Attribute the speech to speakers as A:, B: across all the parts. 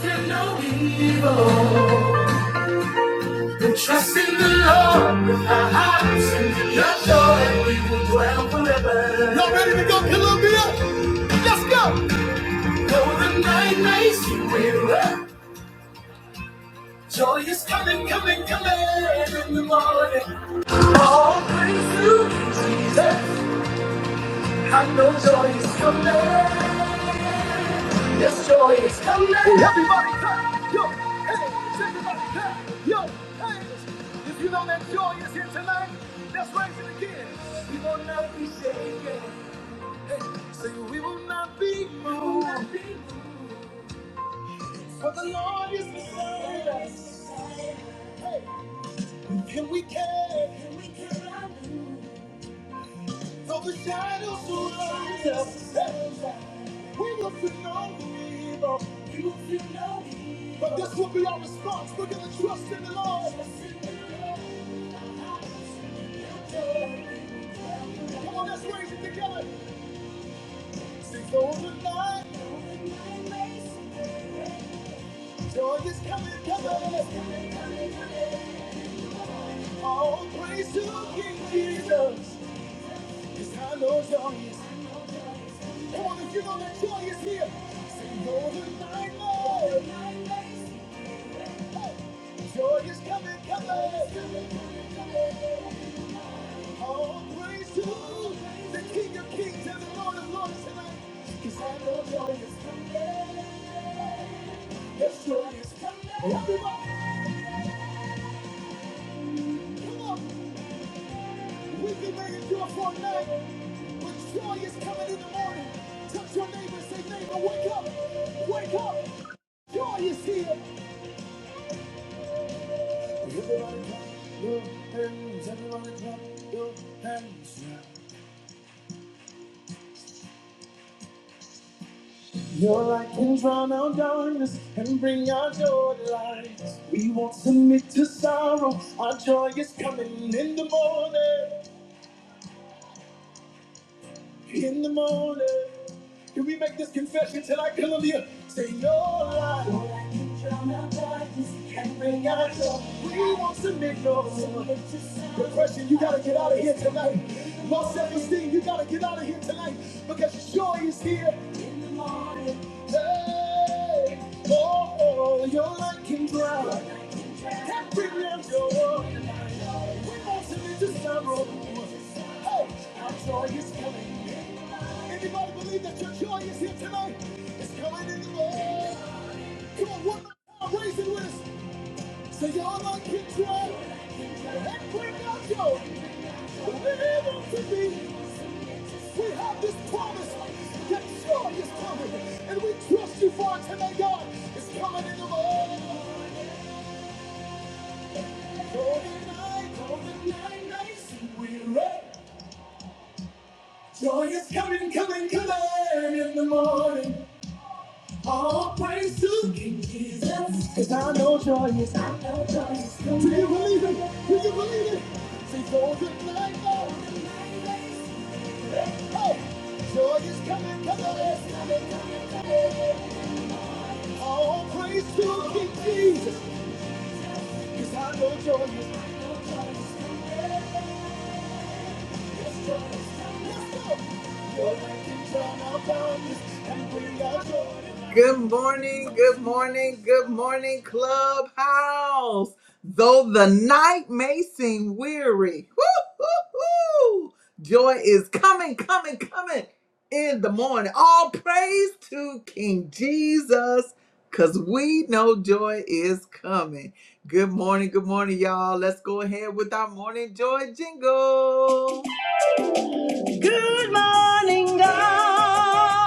A: There's no evil. And trust in the Lord with our hearts and your joy. and We will dwell forever. Glory, let's go. Though the night may seem weary, joy is coming, coming, coming in the morning. All praise to Jesus. I know joy is coming. This joy is coming. Everybody clap. Yo, hands. Everybody clap. Yo, hands. If you know that joy is here tonight, let's raise it again. We will not be shaken. Hey, say we will not be moved. For the Lord is beside us. Hey, and we can. Though the shadows surround us, hey, we will feel no evil. We will feel no evil. But this will be our response. We're going to trust in the Lord. Come on, let's raise it together. Sing over night. Joy is coming, coming. Let's give it All praise to King Jesus. Cause I know joy is. Come on, if you know that joy is here. Sing over night, Lord. Joy is coming, coming. All praise to the King of Kings and the Lord of Lords tonight. Cause I know joy is coming. Yes, joy is coming. If we can make it through for a night. Joy is coming in the morning. Touch your neighbor and say, neighbor, wake up. Wake up. Joy is here. And drown out darkness and bring out your light. We won't submit to sorrow. Our joy is coming in the morning. In the morning. Can we make this confession till I come you? Say your light. Your light can drown out darkness and bring out joy. We won't submit no depression, you gotta get out of here tonight. Low self-esteem, you gotta get out of here tonight because. Joy is coming, coming, coming in the morning. All praise to King Jesus. Cause I know joy is, I know joy is coming. Good morning, good morning, good morning, Clubhouse. Though the night may seem weary, woo, woo, woo, joy is coming, coming, coming in the morning. All praise to King Jesus, because we know joy is coming. Good morning, good morning, y'all. Let's go ahead with our morning joy jingle. Good morning, God.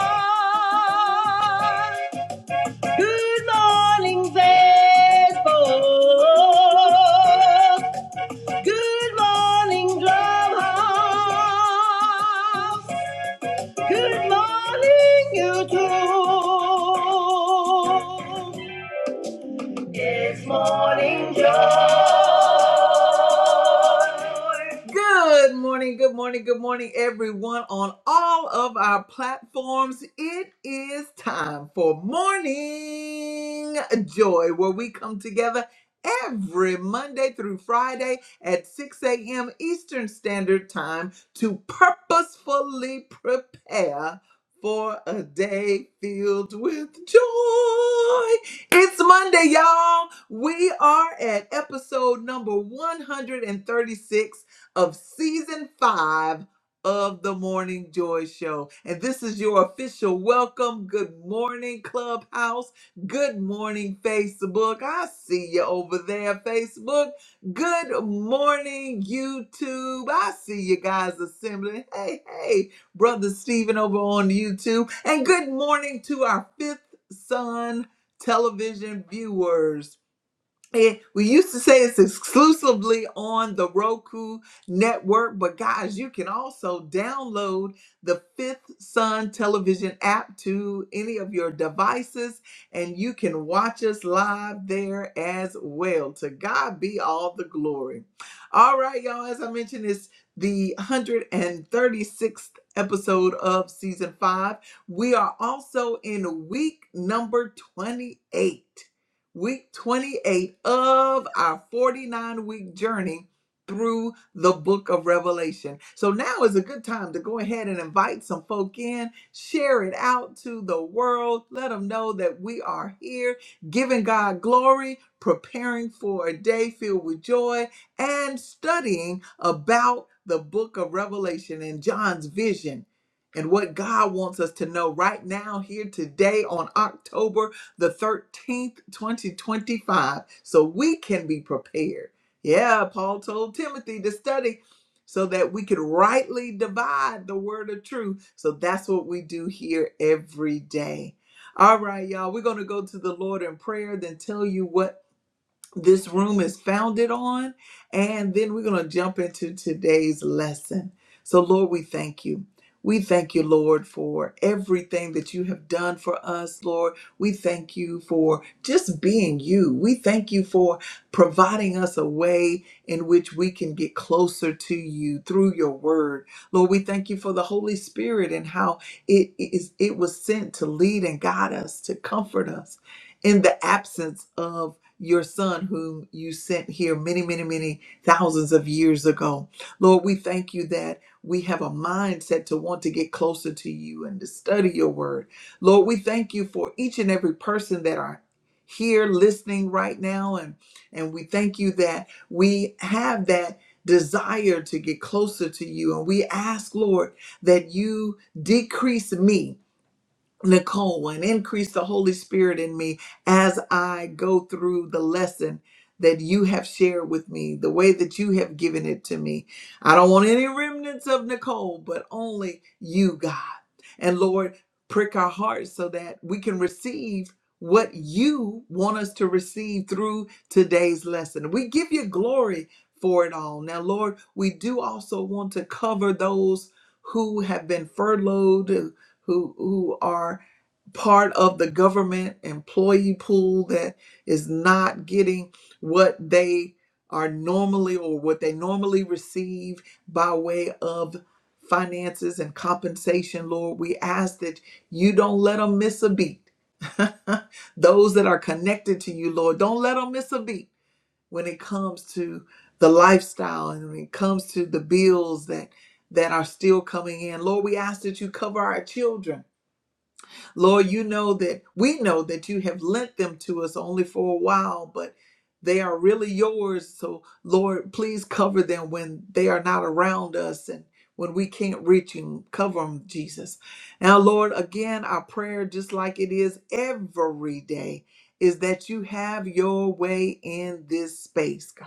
A: Good morning, Facebook. Good morning, Clubhouse. Good morning, YouTube. Good morning, good morning, good morning, everyone on all of our platforms. It is time for Morning Joy, where we come together every Monday through Friday at 6 a.m. Eastern Standard Time to purposefully prepare for a day filled with joy. It's Monday, y'all. We are at episode number 136 of season five of the Morning Joy Show. And this is your official welcome. Good morning, Clubhouse. Good morning, Facebook. I see you over there, Facebook. Good morning, YouTube. I see you guys assembling. Hey, hey, Brother Stephen over on YouTube. And good morning to our fifth son television viewers. And we used to say it's exclusively on the Roku network, but guys, you can also download the Fifth Sun television app to any of your devices, and you can watch us live there as well. To God be all the glory. All right, y'all, as I mentioned, it's the 136th episode of season five. We are also in week number 28 week 28 of our 49 week journey through the book of Revelation. So now is a good time to go ahead and invite some folk in, share it out to the world, let them know that we are here, giving God glory, preparing for a day filled with joy, and studying about the book of Revelation and John's vision. And what God wants us to know right now, here today on October the 13th, 2025, so we can be prepared. Yeah, Paul told Timothy to study so that we could rightly divide the word of truth. So that's what we do here every day. All right, y'all, we're going to go to the Lord in prayer, then tell you what this room is founded on. And then we're going to jump into today's lesson. So, Lord, we thank you. We thank you, Lord, for everything that you have done for us, Lord. We thank you for just being you. We thank you for providing us a way in which we can get closer to you through your word. Lord, we thank you for the Holy Spirit and how it is it was sent to lead and guide us, to comfort us in the absence of your son whom you sent here many, many, many thousands of years ago. Lord, we thank you that we have a mindset to want to get closer to you and to study your word. Lord, we thank you for each and every person that are here listening right now and and we thank you that we have that desire to get closer to you and we ask Lord that you decrease me Nicole and increase the Holy Spirit in me as I go through the lesson that you have shared with me, the way that you have given it to me. I don't want any remnants of Nicole, but only you, God. And Lord, prick our hearts so that we can receive what you want us to receive through today's lesson. We give you glory for it all. Now, Lord, we do also want to cover those who have been furloughed, who who are part of the government employee pool that is not getting what they are normally or what they normally receive by way of finances and compensation, Lord. We ask that you don't let them miss a beat. Those that are connected to you, Lord, don't let them miss a beat when it comes to the lifestyle and when it comes to the bills that that are still coming in. Lord, we ask that you cover our children Lord, you know that we know that you have lent them to us only for a while, but they are really yours. So, Lord, please cover them when they are not around us and when we can't reach them. Cover them, Jesus. Now, Lord, again, our prayer, just like it is every day, is that you have your way in this space, God.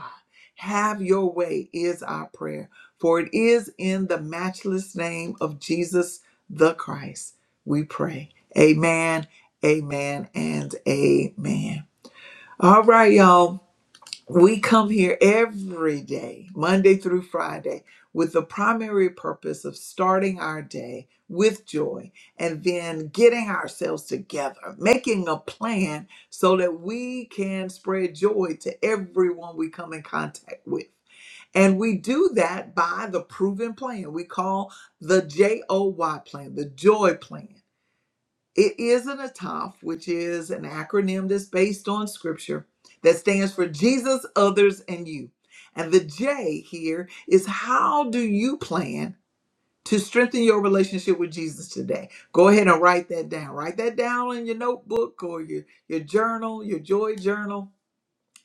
A: Have your way is our prayer, for it is in the matchless name of Jesus the Christ we pray. Amen, amen, and amen. All right, y'all. We come here every day, Monday through Friday, with the primary purpose of starting our day with joy and then getting ourselves together, making a plan so that we can spread joy to everyone we come in contact with. And we do that by the proven plan we call the JOY plan, the joy plan. It is an ATOF, which is an acronym that's based on scripture that stands for Jesus, others, and you. And the J here is how do you plan to strengthen your relationship with Jesus today? Go ahead and write that down. Write that down in your notebook or your, your journal, your joy journal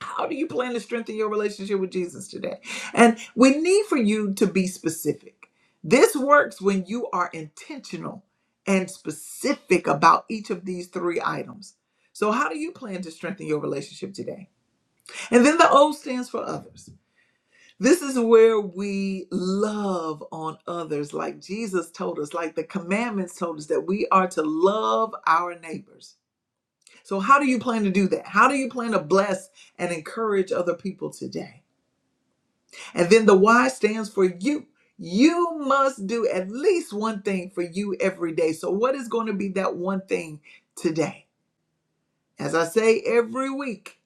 A: how do you plan to strengthen your relationship with Jesus today? And we need for you to be specific. This works when you are intentional and specific about each of these three items. So, how do you plan to strengthen your relationship today? And then the O stands for others. This is where we love on others, like Jesus told us, like the commandments told us that we are to love our neighbors. So, how do you plan to do that? How do you plan to bless and encourage other people today? And then the Y stands for you. You must do at least one thing for you every day. So, what is going to be that one thing today? As I say every week,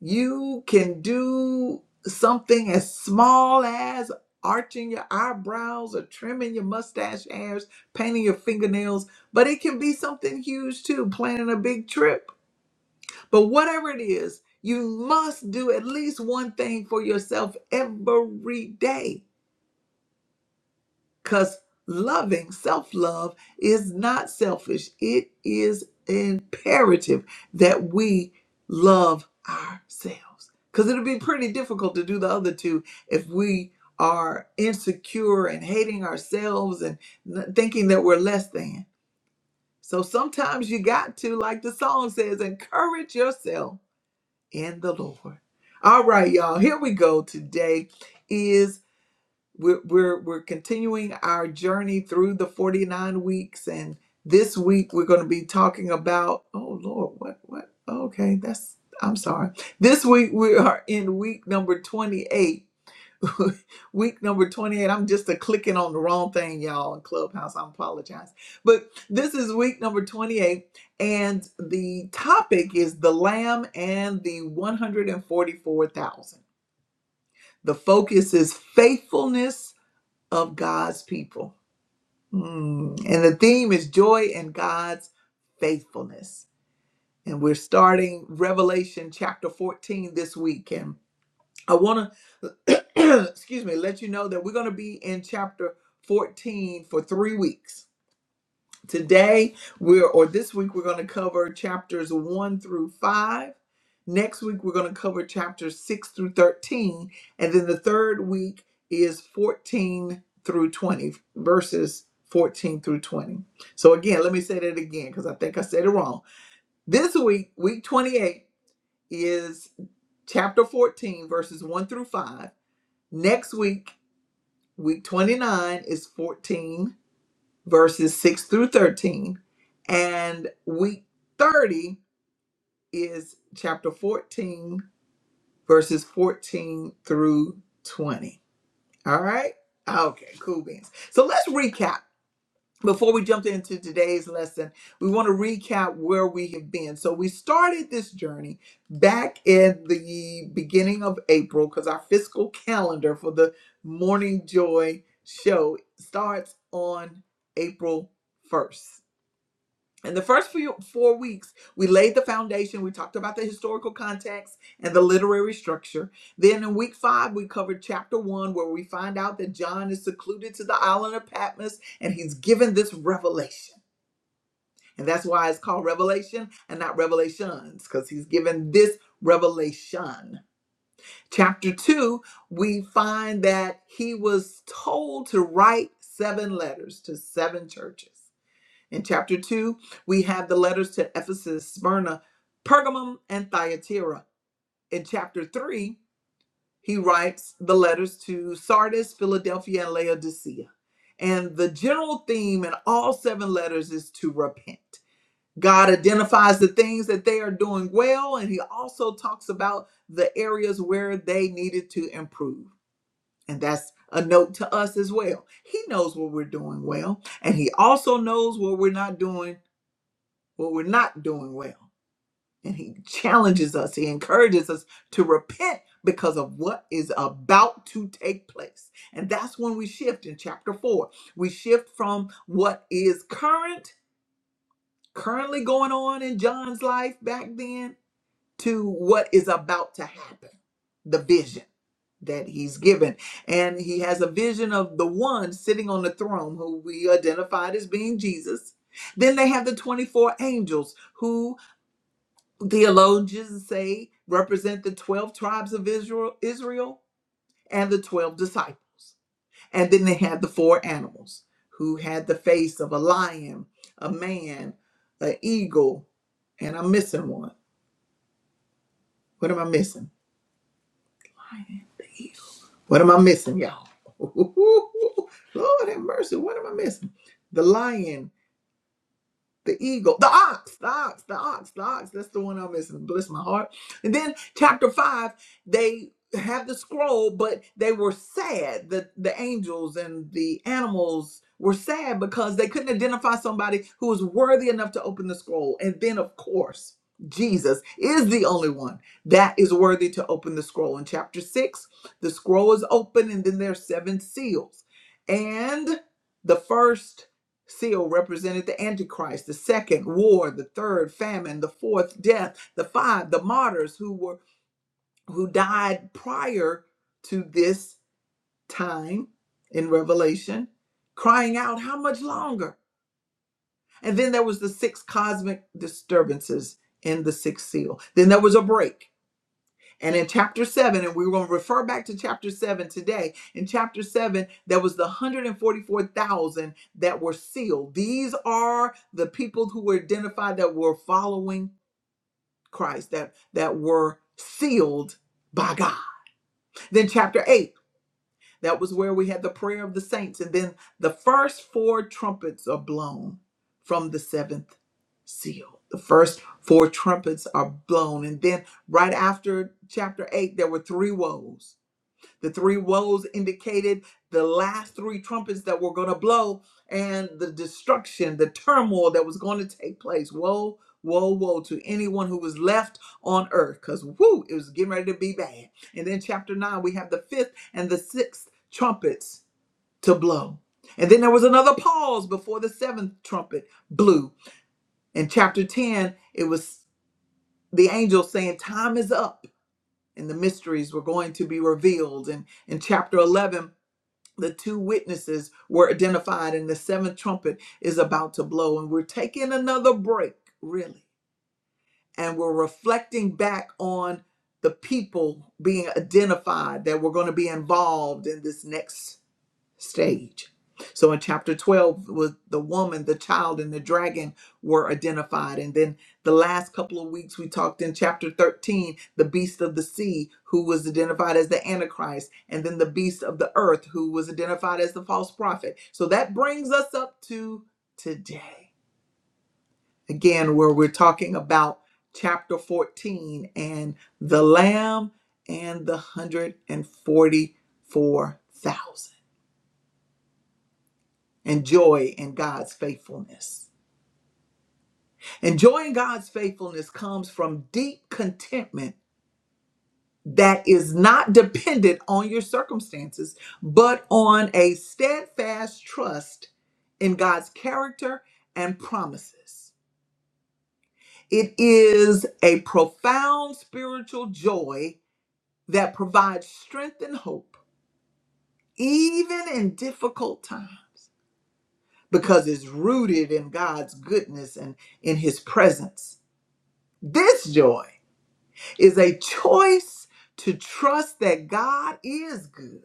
A: you can do something as small as arching your eyebrows or trimming your mustache hairs, painting your fingernails, but it can be something huge too, planning a big trip. But whatever it is, you must do at least one thing for yourself every day. Because loving, self love, is not selfish. It is imperative that we love ourselves. Because it'll be pretty difficult to do the other two if we are insecure and hating ourselves and n- thinking that we're less than. So sometimes you got to, like the song says, encourage yourself in the Lord. All right, y'all, here we go. Today is we're we're we're continuing our journey through the 49 weeks and this week we're going to be talking about oh lord what what okay that's i'm sorry this week we are in week number 28 week number 28 i'm just a clicking on the wrong thing y'all in clubhouse i apologize but this is week number 28 and the topic is the lamb and the 144000 the focus is faithfulness of God's people. Mm. And the theme is joy in God's faithfulness. And we're starting Revelation chapter 14 this week. And I want to, excuse me, let you know that we're going to be in chapter 14 for three weeks Today, we're, or this week, we're going to cover chapters 1 through 5. Next week, we're going to cover chapters 6 through 13. And then the third week is 14 through 20, verses 14 through 20. So, again, let me say that again because I think I said it wrong. This week, week 28, is chapter 14, verses 1 through 5. Next week, week 29, is 14 verses 6 through 13. And week 30 is chapter 14, verses 14 through 20. All right? Okay, cool beans. So let's recap. Before we jump into today's lesson, we want to recap where we have been. So we started this journey back in the beginning of April because our fiscal calendar for the Morning Joy show starts on April 1st. In the first few four weeks, we laid the foundation. We talked about the historical context and the literary structure. Then in week five, we covered chapter one, where we find out that John is secluded to the island of Patmos and he's given this revelation. And that's why it's called Revelation and not Revelations, because he's given this revelation. Chapter two, we find that he was told to write seven letters to seven churches. In chapter 2, we have the letters to Ephesus, Smyrna, Pergamum, and Thyatira. In chapter 3, he writes the letters to Sardis, Philadelphia, and Laodicea. And the general theme in all seven letters is to repent. God identifies the things that they are doing well, and he also talks about the areas where they needed to improve. And that's a note to us as well. He knows what we're doing well, and he also knows what we're not doing when we're not doing well. And he challenges us, he encourages us to repent because of what is about to take place. And that's when we shift in chapter four. We shift from what is current, currently going on in John's life back then, to what is about to happen the vision that he's given. And he has a vision of the one sitting on the throne who we identified as being Jesus. Then they have the 24 angels who theologians say represent the 12 tribes of Israel, Israel and the 12 disciples. And then they had the four animals who had the face of a lion, a man, an eagle, and I'm missing one. What am I missing? What am I missing, y'all? Lord have mercy. What am I missing? The lion, the eagle, the ox, the ox, the ox, the ox. That's the one I'm missing. Bless my heart. And then chapter five, they have the scroll, but they were sad. The the angels and the animals were sad because they couldn't identify somebody who was worthy enough to open the scroll. And then of course, Jesus is the only one that is worthy to open the scroll. In chapter six, the scroll is open, and then there are seven seals. And the first Seal represented the Antichrist, the second war, the third famine, the fourth death, the five, the martyrs who were who died prior to this time in Revelation, crying out, How much longer? And then there was the six cosmic disturbances in the sixth seal. Then there was a break and in chapter 7, and we're going to refer back to chapter 7 today, in chapter 7, there was the 144,000 that were sealed. These are the people who were identified that were following Christ, that, that were sealed by God. Then chapter 8, that was where we had the prayer of the saints. And then the first four trumpets are blown from the seventh seal. The first four trumpets are blown. And then right after chapter 8, there were three woes the three woes indicated the last three trumpets that were going to blow and the destruction, the turmoil that was going to take place. Woe, woe, woe to anyone who was left on earth because, whoo, it was getting ready to be bad. And then, chapter 9, we have the fifth and the sixth trumpets to blow. And then there was another pause before the seventh trumpet blew. In chapter 10, it was the angel saying, Time is up. And the mysteries were going to be revealed. And in chapter 11, the two witnesses were identified and the seventh trumpet is about to blow and we're taking another break really and we're reflecting back on the people being identified that were going to be involved in this next stage. So in chapter 12, with the woman, the child, and the dragon were identified. And then the last couple of weeks, we talked in chapter 13, the beast of the sea, who was identified as the Antichrist, and then the beast of the earth, who was identified as the false prophet. So that brings us up to today, again, where we're talking about chapter 14 and the lamb and the 144,000. and joy in God's faithfulness. And joy in God's faithfulness comes from deep contentment that is not dependent on your circumstances, but on a steadfast trust in God's character and promises. It is a profound spiritual joy that provides strength and hope, even in difficult times, because it's rooted in God's goodness and in His presence This joy is a choice to trust that God is good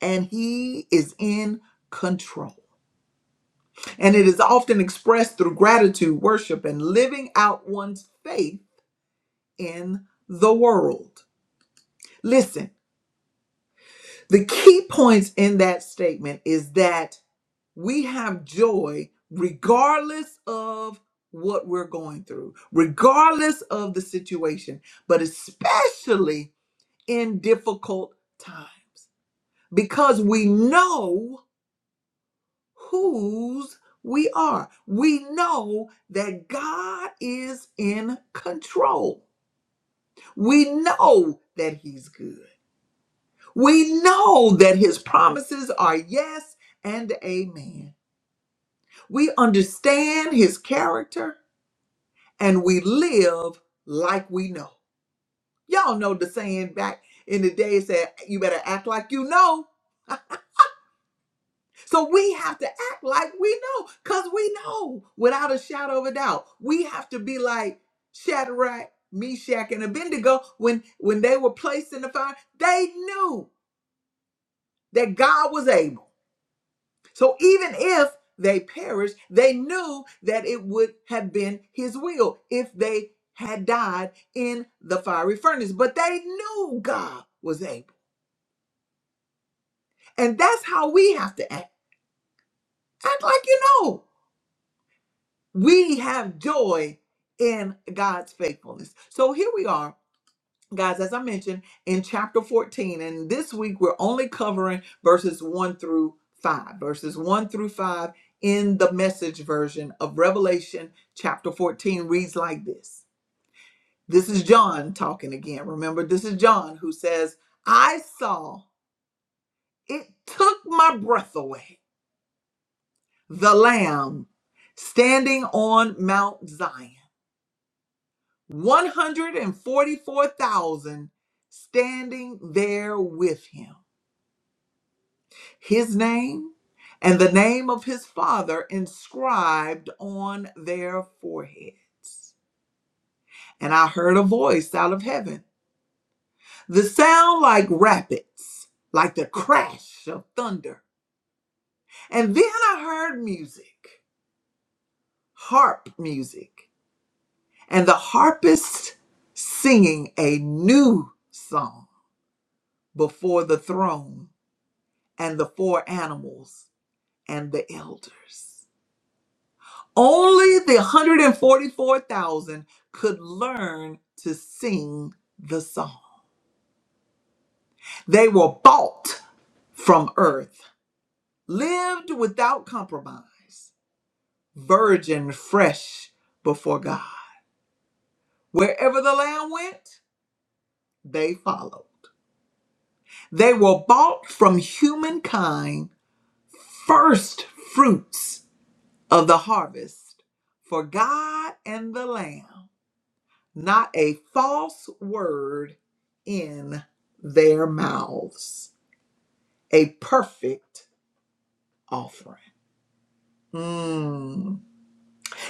A: and He is in control. And it is often expressed through gratitude, worship, and living out one's faith in the world. Listen, the key points in that statement is that we have joy regardless of what we're going through, regardless of the situation, but especially in difficult times because we know whose we are. We know that God is in control. We know that He's good. We know that His promises are yes and amen. We understand His character and we live like we know. Y'all know the saying back in the day it said, You better act like you know So we have to act like we know, because we know without a shadow of a doubt. We have to be like Shadrach, Meshach, and Abednego when, when they were placed in the fire, they knew that God was able. So even if they perished, they knew that it would have been his will if they had died in the fiery furnace. But they knew God was able. And that's how we have to act. Act like you know. we have joy in God's faithfulness. So here we are, guys, as I mentioned in chapter 14, and this week we're only covering verses 1 through 5, verses 1 through 5 in the message version of Revelation chapter 14 reads like this. This is John talking again. Remember, this is John who says, I saw it took my breath away. The Lamb standing on Mount Zion 144,000 standing there with him. His name and the name of his father inscribed on their forehead. And I heard a voice out of heaven, the sound like rapids, like the crash of thunder. And then I heard music, harp music, and the harpist singing a new song before the throne and the four animals and the elders. Only the 144,000 could learn to sing the song. They were bought from earth, lived without compromise, virgin fresh before God. Wherever the lamb went, they followed. They were bought from humankind, first fruits of the harvest for God and the lamb not a false word in their mouths. A perfect offering. Mm.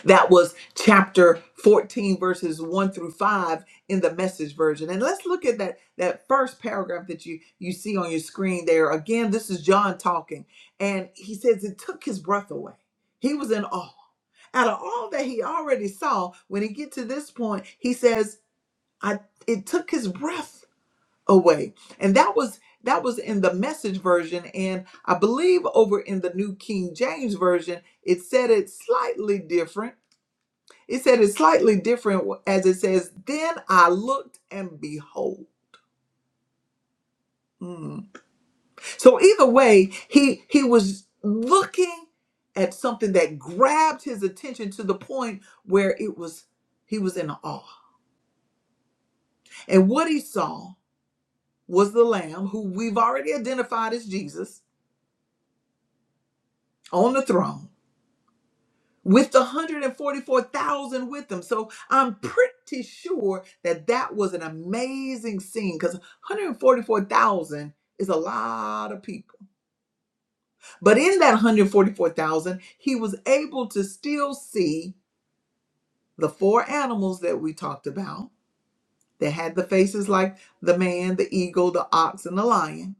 A: That was chapter 14, verses 1 through 5 in the message version. And let's look at that, that first paragraph that you, you see on your screen there. Again, this is John talking. And he says it took his breath away. He was in awe. Out of all that he already saw, when he get to this point, he says, I it took his breath away and that was that was in the message version and i believe over in the new king james version it said it slightly different it said it slightly different as it says then i looked and behold Mm. so either way he he was looking at something that grabbed his attention to the point where it was he was in awe and what he saw was the lamb who we've already identified as jesus on the throne with the 144,000 with them. So I'm pretty sure that that was an amazing scene because 144,000 is a lot of people. But in that 144,000, he was able to still see the four animals that we talked about that had the faces like the man, the eagle, the ox, and the lion,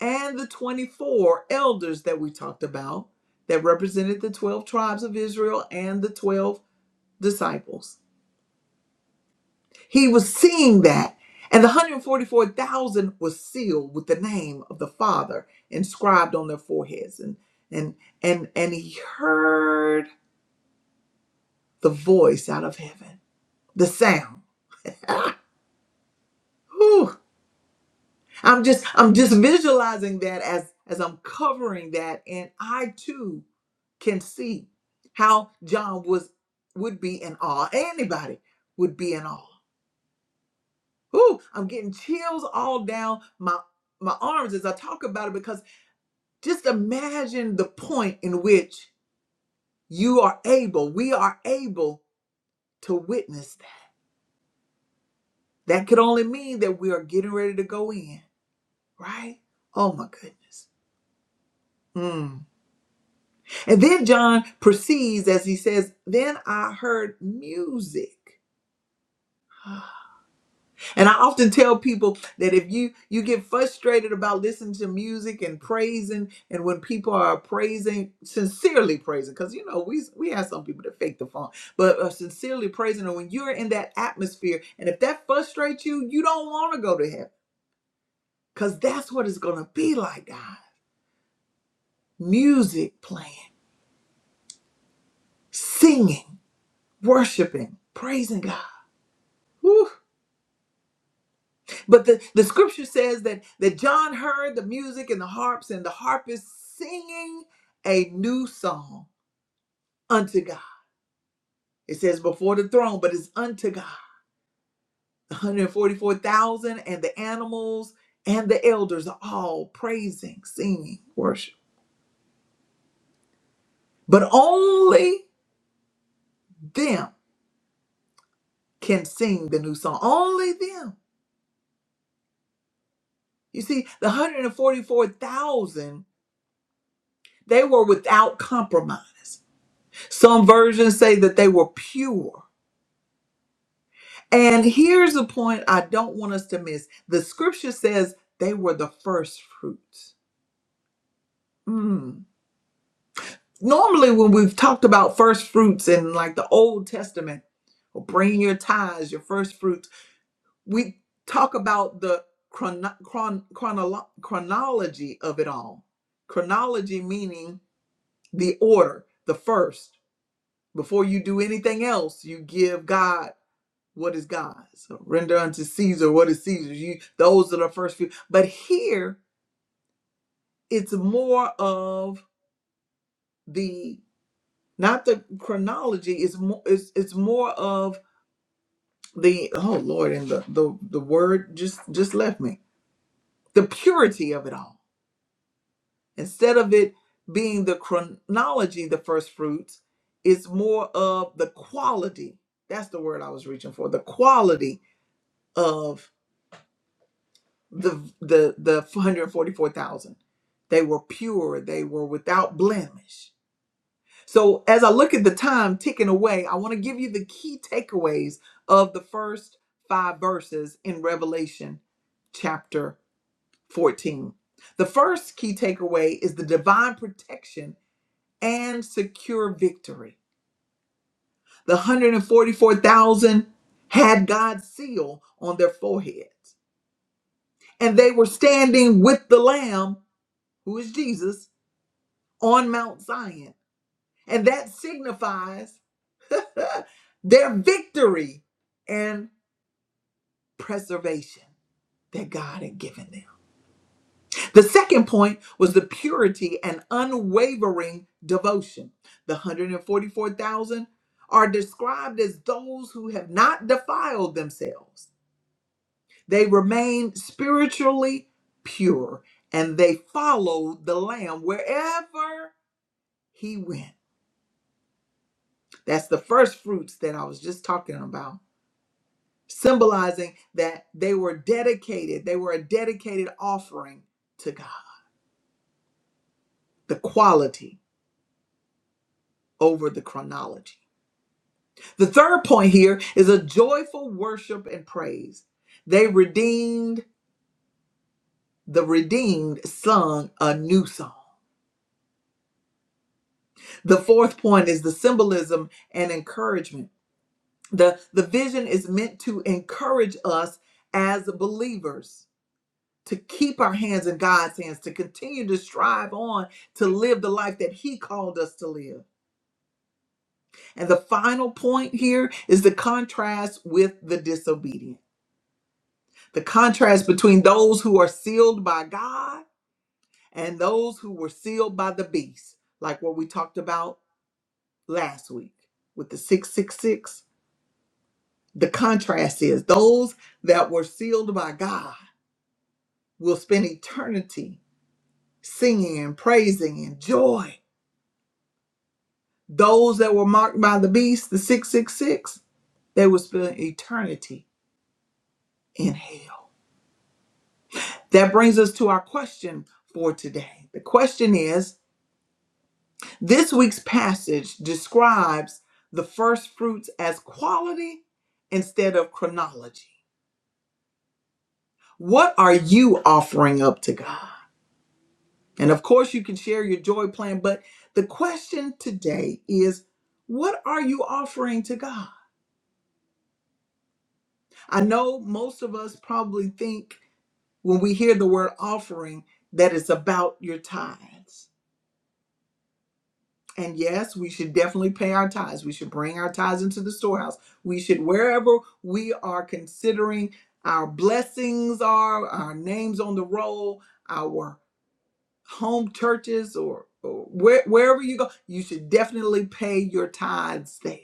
A: and the 24 elders that we talked about that represented the 12 tribes of Israel and the 12 disciples He was seeing that. And the 144,000 was sealed with the name of the Father inscribed on their foreheads. And, and, and, and he heard the voice out of heaven, the sound. Ah, whew. I'm just, I'm just visualizing that as, as I'm covering that. And I too can see how John was, would be in awe. Anybody would be in awe. Ooh, I'm getting chills all down my my arms as I talk about it because Just imagine the point in which you are able, we are able to witness that. That could only mean that we are getting ready to go in, right? Oh my goodness. Mm. And then John proceeds as he says, Then I heard music. And I often tell people that if you you get frustrated about listening to music and praising, and when people are praising sincerely praising, because you know we we have some people that fake the funk, but uh, sincerely praising, and when you're in that atmosphere, and if that frustrates you, you don't want to go to heaven, because that's what it's gonna be like, God. Music playing, singing, worshiping, praising God. Woo. But the, the scripture says that, that John heard the music and the harps and the harpists singing a new song unto God. It says before the throne, but it's unto God. The 144,000 and the animals and the elders are all praising, singing, worship. But only them can sing the new song. Only them. You see, the 144,000, they were without compromise. Some versions say that they were pure And here's a point I don't want us to miss. The scripture says they were the first fruits. Mm. Normally, when we've talked about first fruits in like the Old Testament, or bring your tithes, your first fruits, we talk about the chrono- chron- chronolo- chronology of it all. Chronology meaning the order, the first. Before you do anything else, you give God what is God's. So render unto Caesar what is Caesar's. You those are the first few. But here it's more of the not the chronology. It's more it's it's more of the oh Lord and the the the word just just left me the purity of it all. Instead of it being the chronology, the first fruits, it's more of the quality. That's the word I was reaching for. The quality of. the the the 144,000. They were pure, they were without blemish. So as I look at the time ticking away, I want to give you the key takeaways of the first 5 verses in Revelation chapter 14. The first key takeaway is the divine protection and secure victory. The 144,000 had God's seal on their foreheads, and they were standing with the lamb, who is Jesus, on Mount Zion. And that signifies their victory and preservation that God had given them. The second point was the purity and unwavering devotion. The 144,000 are described as those who have not defiled themselves. They remained spiritually pure and they followed the Lamb wherever he went. That's the first fruits that I was just talking about symbolizing that they were dedicated, they were a dedicated offering to God, the quality over the chronology. The third point here is a joyful worship and praise. They redeemed, the redeemed sung a new song. The fourth point is the symbolism and encouragement. The, the vision is meant to encourage us as believers to keep our hands in God's hands, to continue to strive on to live the life that He called us to live. And the final point here is the contrast with the disobedient, the contrast between those who are sealed by God and those who were sealed by the beast, like what we talked about last week with the 666. The contrast is those that were sealed by God will spend eternity singing and praising and joy Those that were marked by the beast, the 666, they will spend eternity in hell. That brings us to our question for today. The question is this week's passage describes the first fruits as quality instead of chronology. What are you offering up to God? And of course, you can share your joy plan, but the question today is what are you offering to God? I know most of us probably think when we hear the word offering, that is about your tithes. And yes, we should definitely pay our tithes. We should bring our tithes into the storehouse. We should, wherever we are considering our blessings are, our names on the roll, our home churches, or, or where, wherever you go, you should definitely pay your tithes there.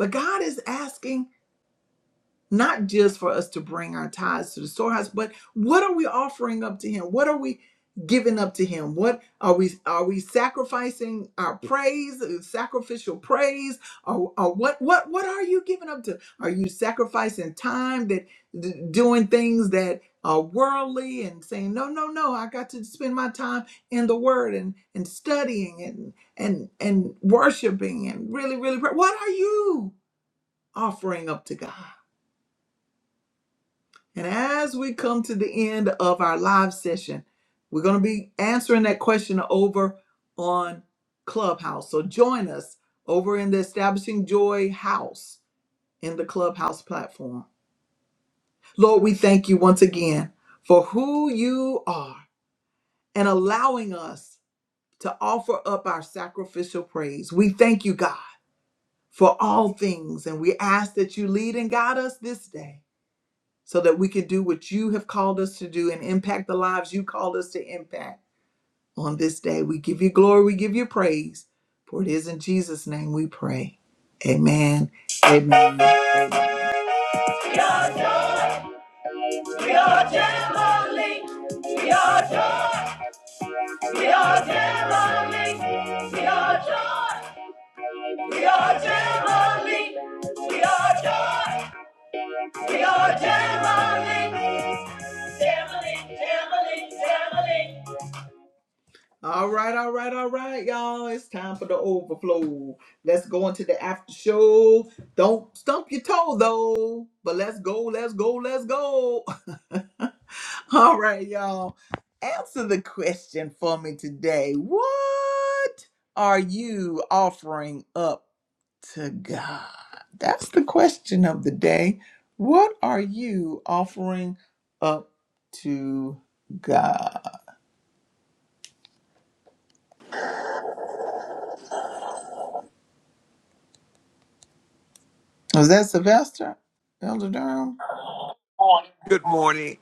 A: But God is asking not just for us to bring our tithes to the storehouse, but what are we offering up to him? What are we giving up to him? What are we are we sacrificing our praise, uh, sacrificial praise? Or, or what what what are you giving up to? Are you sacrificing time that d- doing things that are worldly and saying, no, no, no, I got to spend my time in the word and and studying and and and worshiping and really, really pray. What are you offering up to God? And as we come to the end of our live session, we're going to be answering that question over on Clubhouse. So join us over in the Establishing Joy House in the Clubhouse platform. Lord, we thank you once again for who you are and allowing us to offer up our sacrificial praise. We thank you, God, for all things, and we ask that you lead and guide us this day. so that we can do what you have called us to do and impact the lives you called us to impact on this day. We give you glory, we give you praise, for it is in Jesus' name we pray. Amen. Amen. We are joy, we are heavenly. We are joy, we are heavenly. We are joy, we are heavenly. We are joy, we are heavenly. Heavenly, heavenly, heavenly. All right, all right, all right, y'all. It's time for the overflow. Let's go into the after show. Don't stump your toe though. But let's go, let's go, let's go. all right, y'all. Answer the question for me today. What are you offering up to God? That's the question of the day. What are you offering up to God? Was that Sylvester? Elder Durham?
B: Good morning.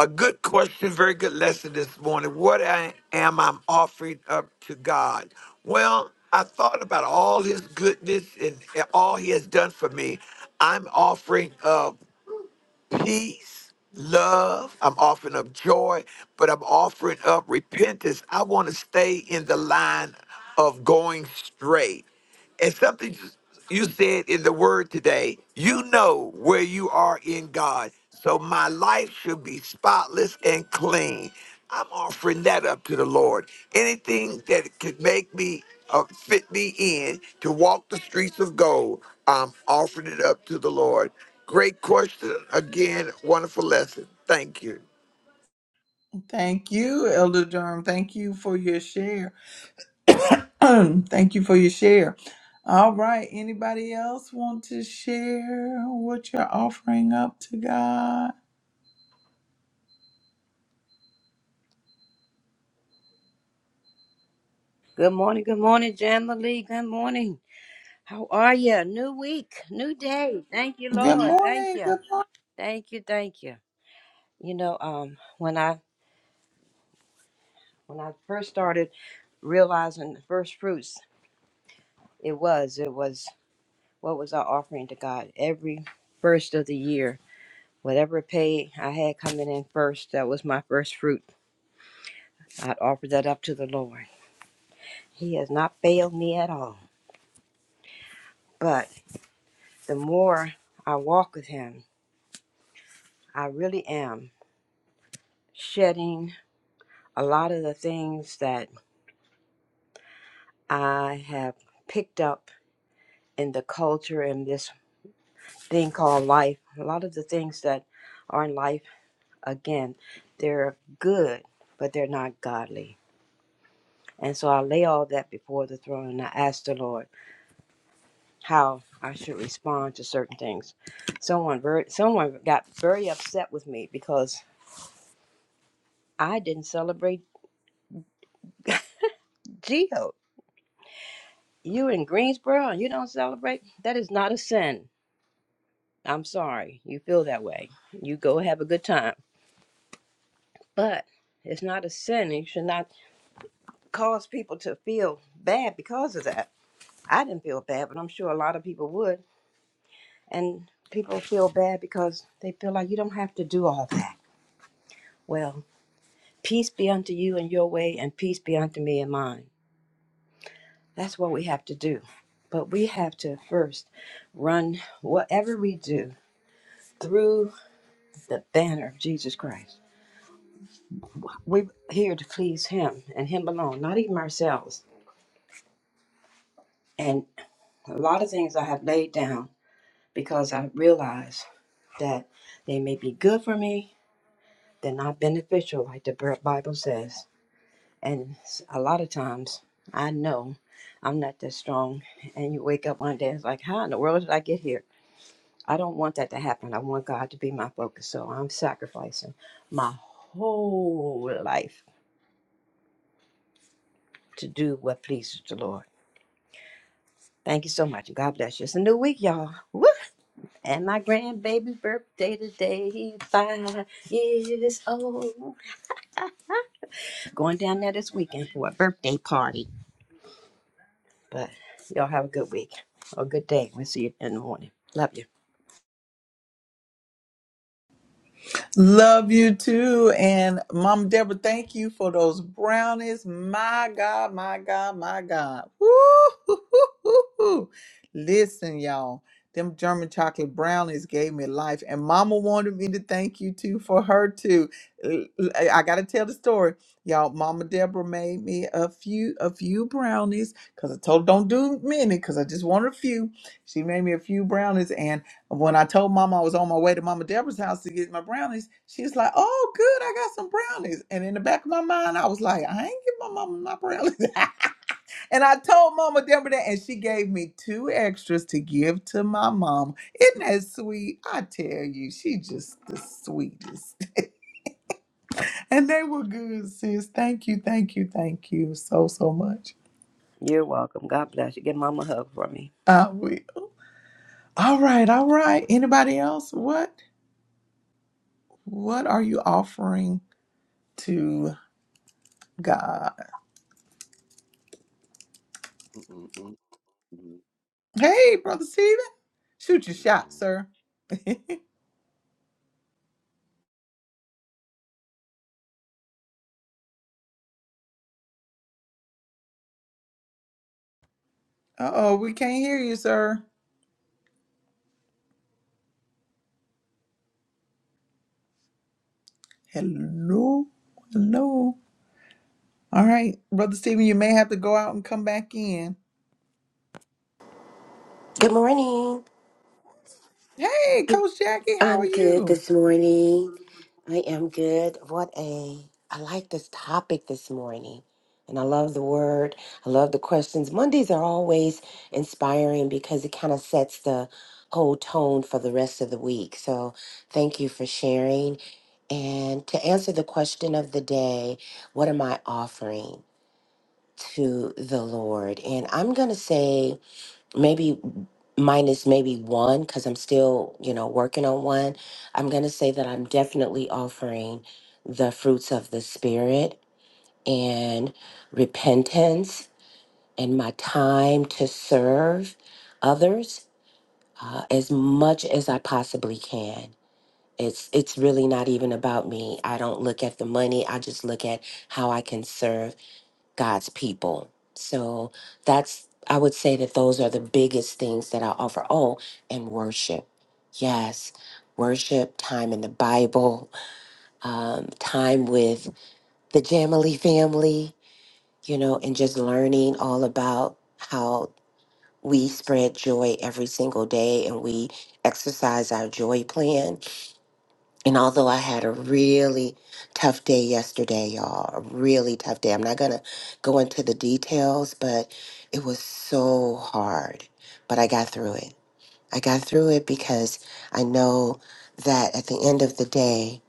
B: A good question, very good lesson this morning. What I am I offering up to God? Well, I thought about all his goodness and all he has done for me. I'm offering up peace, love, I'm offering up joy, but I'm offering up repentance. I want to stay in the line of going straight. And something you said in the word today, you know where you are in God. So my life should be spotless and clean. I'm offering that up to the Lord. Anything that could make me uh, fit me in to walk the streets of gold, I'm offering it up to the Lord. Great question. Again, wonderful lesson. Thank you.
A: Thank you, Elder Durham. Thank you for your share. Thank you for your share. All right. Anybody else want to share what you're offering up to God?
C: Good morning, good morning, Jamma Good morning. How are you? New week, new day. Thank you,
A: Good
C: Lord. Thank
A: morning.
C: you.
A: Good
C: Thank you, thank you. You know, um, when I when I first started realizing the first fruits, it was, it was what was our offering to God every first of the year. Whatever pay I had coming in first, that was my first fruit. I'd offer that up to the Lord. He has not failed me at all. But the more I walk with him, I really am. shedding a lot of the things that I have picked up in the culture and this thing called life. A lot of the things that are in life, again, they're good, but they're not godly. And so I lay all that before the throne and I ask the Lord how I should respond to certain things. Someone very, someone got very upset with me because I didn't celebrate Geo. You in Greensboro and you don't celebrate? That is not a sin I'm sorry you feel that way. You go have a good time. But it's not a sin. It should not cause people to feel bad because of that. I didn't feel bad, but I'm sure a lot of people would. And people feel bad because they feel like you don't have to do all that. Well, peace be unto you in your way, and peace be unto me in mine. That's what we have to do. But we have to first run whatever we do through the banner of Jesus Christ We're here to please Him and Him alone, not even ourselves. And a lot of things I have laid down because I realize that they may be good for me, they're not beneficial, like the Bi- Bible says. And s- a lot of times I know I'm not that strong. And you wake up one day, it's like, how in the world did I get here? I don't want that to happen. I want God to be my focus. So I'm sacrificing my whole life to do what pleases the Lord. Thank you so much. And God bless you. It's a new week, y'all. Woo! And my grandbaby's birthday today. He's five years old. Going down there this weekend for a birthday party. But y'all have a good week or a good day. We'll see you in the morning. Love you.
A: Love you too. And Mama Deborah, thank you for those brownies. My God, my God, my God. Woo-hoo-hoo-hoo-hoo. Listen, y'all, them German chocolate brownies gave me life. And Mama wanted me to thank you too for her too. L- l- I I gotta tell the story. Y'all, Mama Deborah made me a few a few brownies because I told her don't do many because I just wanted a few. She made me a few brownies and. When I told Mama I was on my way to Mama Deborah's house to get my brownies, she was like, "Oh, good, I got some brownies." And in the back of my mind, I was like, "I ain't give my mama my brownies." and I told Mama Deborah that, and she gave me two extras to give to my mom. Isn't that sweet? I tell you, she just the sweetest. and they were good, sis. Thank you, thank you, thank you so so much.
C: You're welcome. God bless you. Give mama a hug for me.
A: I will. All right, all right. Anybody else? What what are you offering to God?
D: Mm-mm-mm-mm,
A: Hey, Brother Stephen. Shoot your shot,
D: mm-mm.
A: sir. uh oh, we can't hear you, sir. Hello. Hello. All right, Brother Stephen, you may have to go out and come back in.
E: Good morning.
A: Hey,
E: Good-
A: Coach Jackie, how are
E: I'm good
A: you?
E: this morning. I am good. What a I like this topic this morning. And I love the word. I love the questions. Mondays are always inspiring because it kind of sets the whole tone for the rest of the week. So, thank you for sharing. And to answer the question of the day, what am I offering to the Lord? And I'm going to say maybe minus maybe one because I'm still, you know, working on one. I'm going to say that I'm definitely offering the fruits of the Spirit and repentance and my time to serve others uh, as much as I possibly can. It's, it's really not even about me. I don't look at the money. I just look at how I can serve God's people. So that's, I would say that those are the biggest things that I offer. Oh, and worship. Yes, worship, time in the Bible, um, time with the Jamily family, you know, and just learning all about how we spread joy every single day and we exercise our joy plan. And although I had a really tough day yesterday, y'all, a really tough day, I'm not going to go into the details, but it was so hard. But I got through it. I got through it because I know that at the end of the day,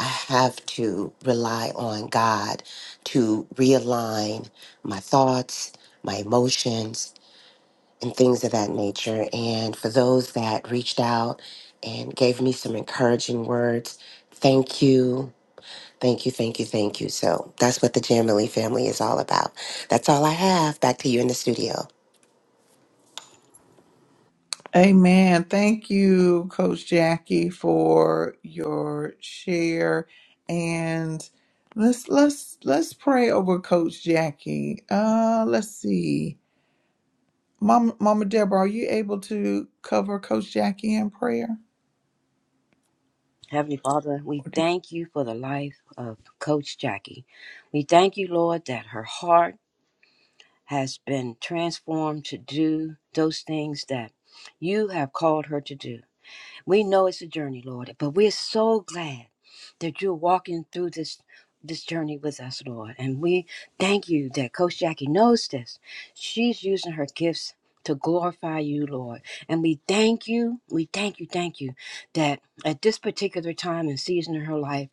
E: I have to rely on God to realign my thoughts, my emotions, and things of that nature. And for those that reached out and gave me some encouraging words, thank you. Thank you, thank you, thank you. So that's what the Jamily family is all about. That's all I have. Back to you in the studio.
A: Amen. Thank you, Coach Jackie, for your share. And let's let's let's pray over Coach Jackie. Uh let's see. Mom, Mama Deborah, are you able to cover Coach Jackie in prayer?
C: Heavenly Father, we thank you for the life of Coach Jackie. We thank you, Lord, that her heart has been transformed to do those things that you have called her to do. We know it's a journey, Lord, but we're so glad that you're walking through this this journey with us, Lord. And we thank you that Coach Jackie knows this. She's using her gifts to glorify you, Lord. And we thank you, we thank you, thank you, that at this particular time and season in her life,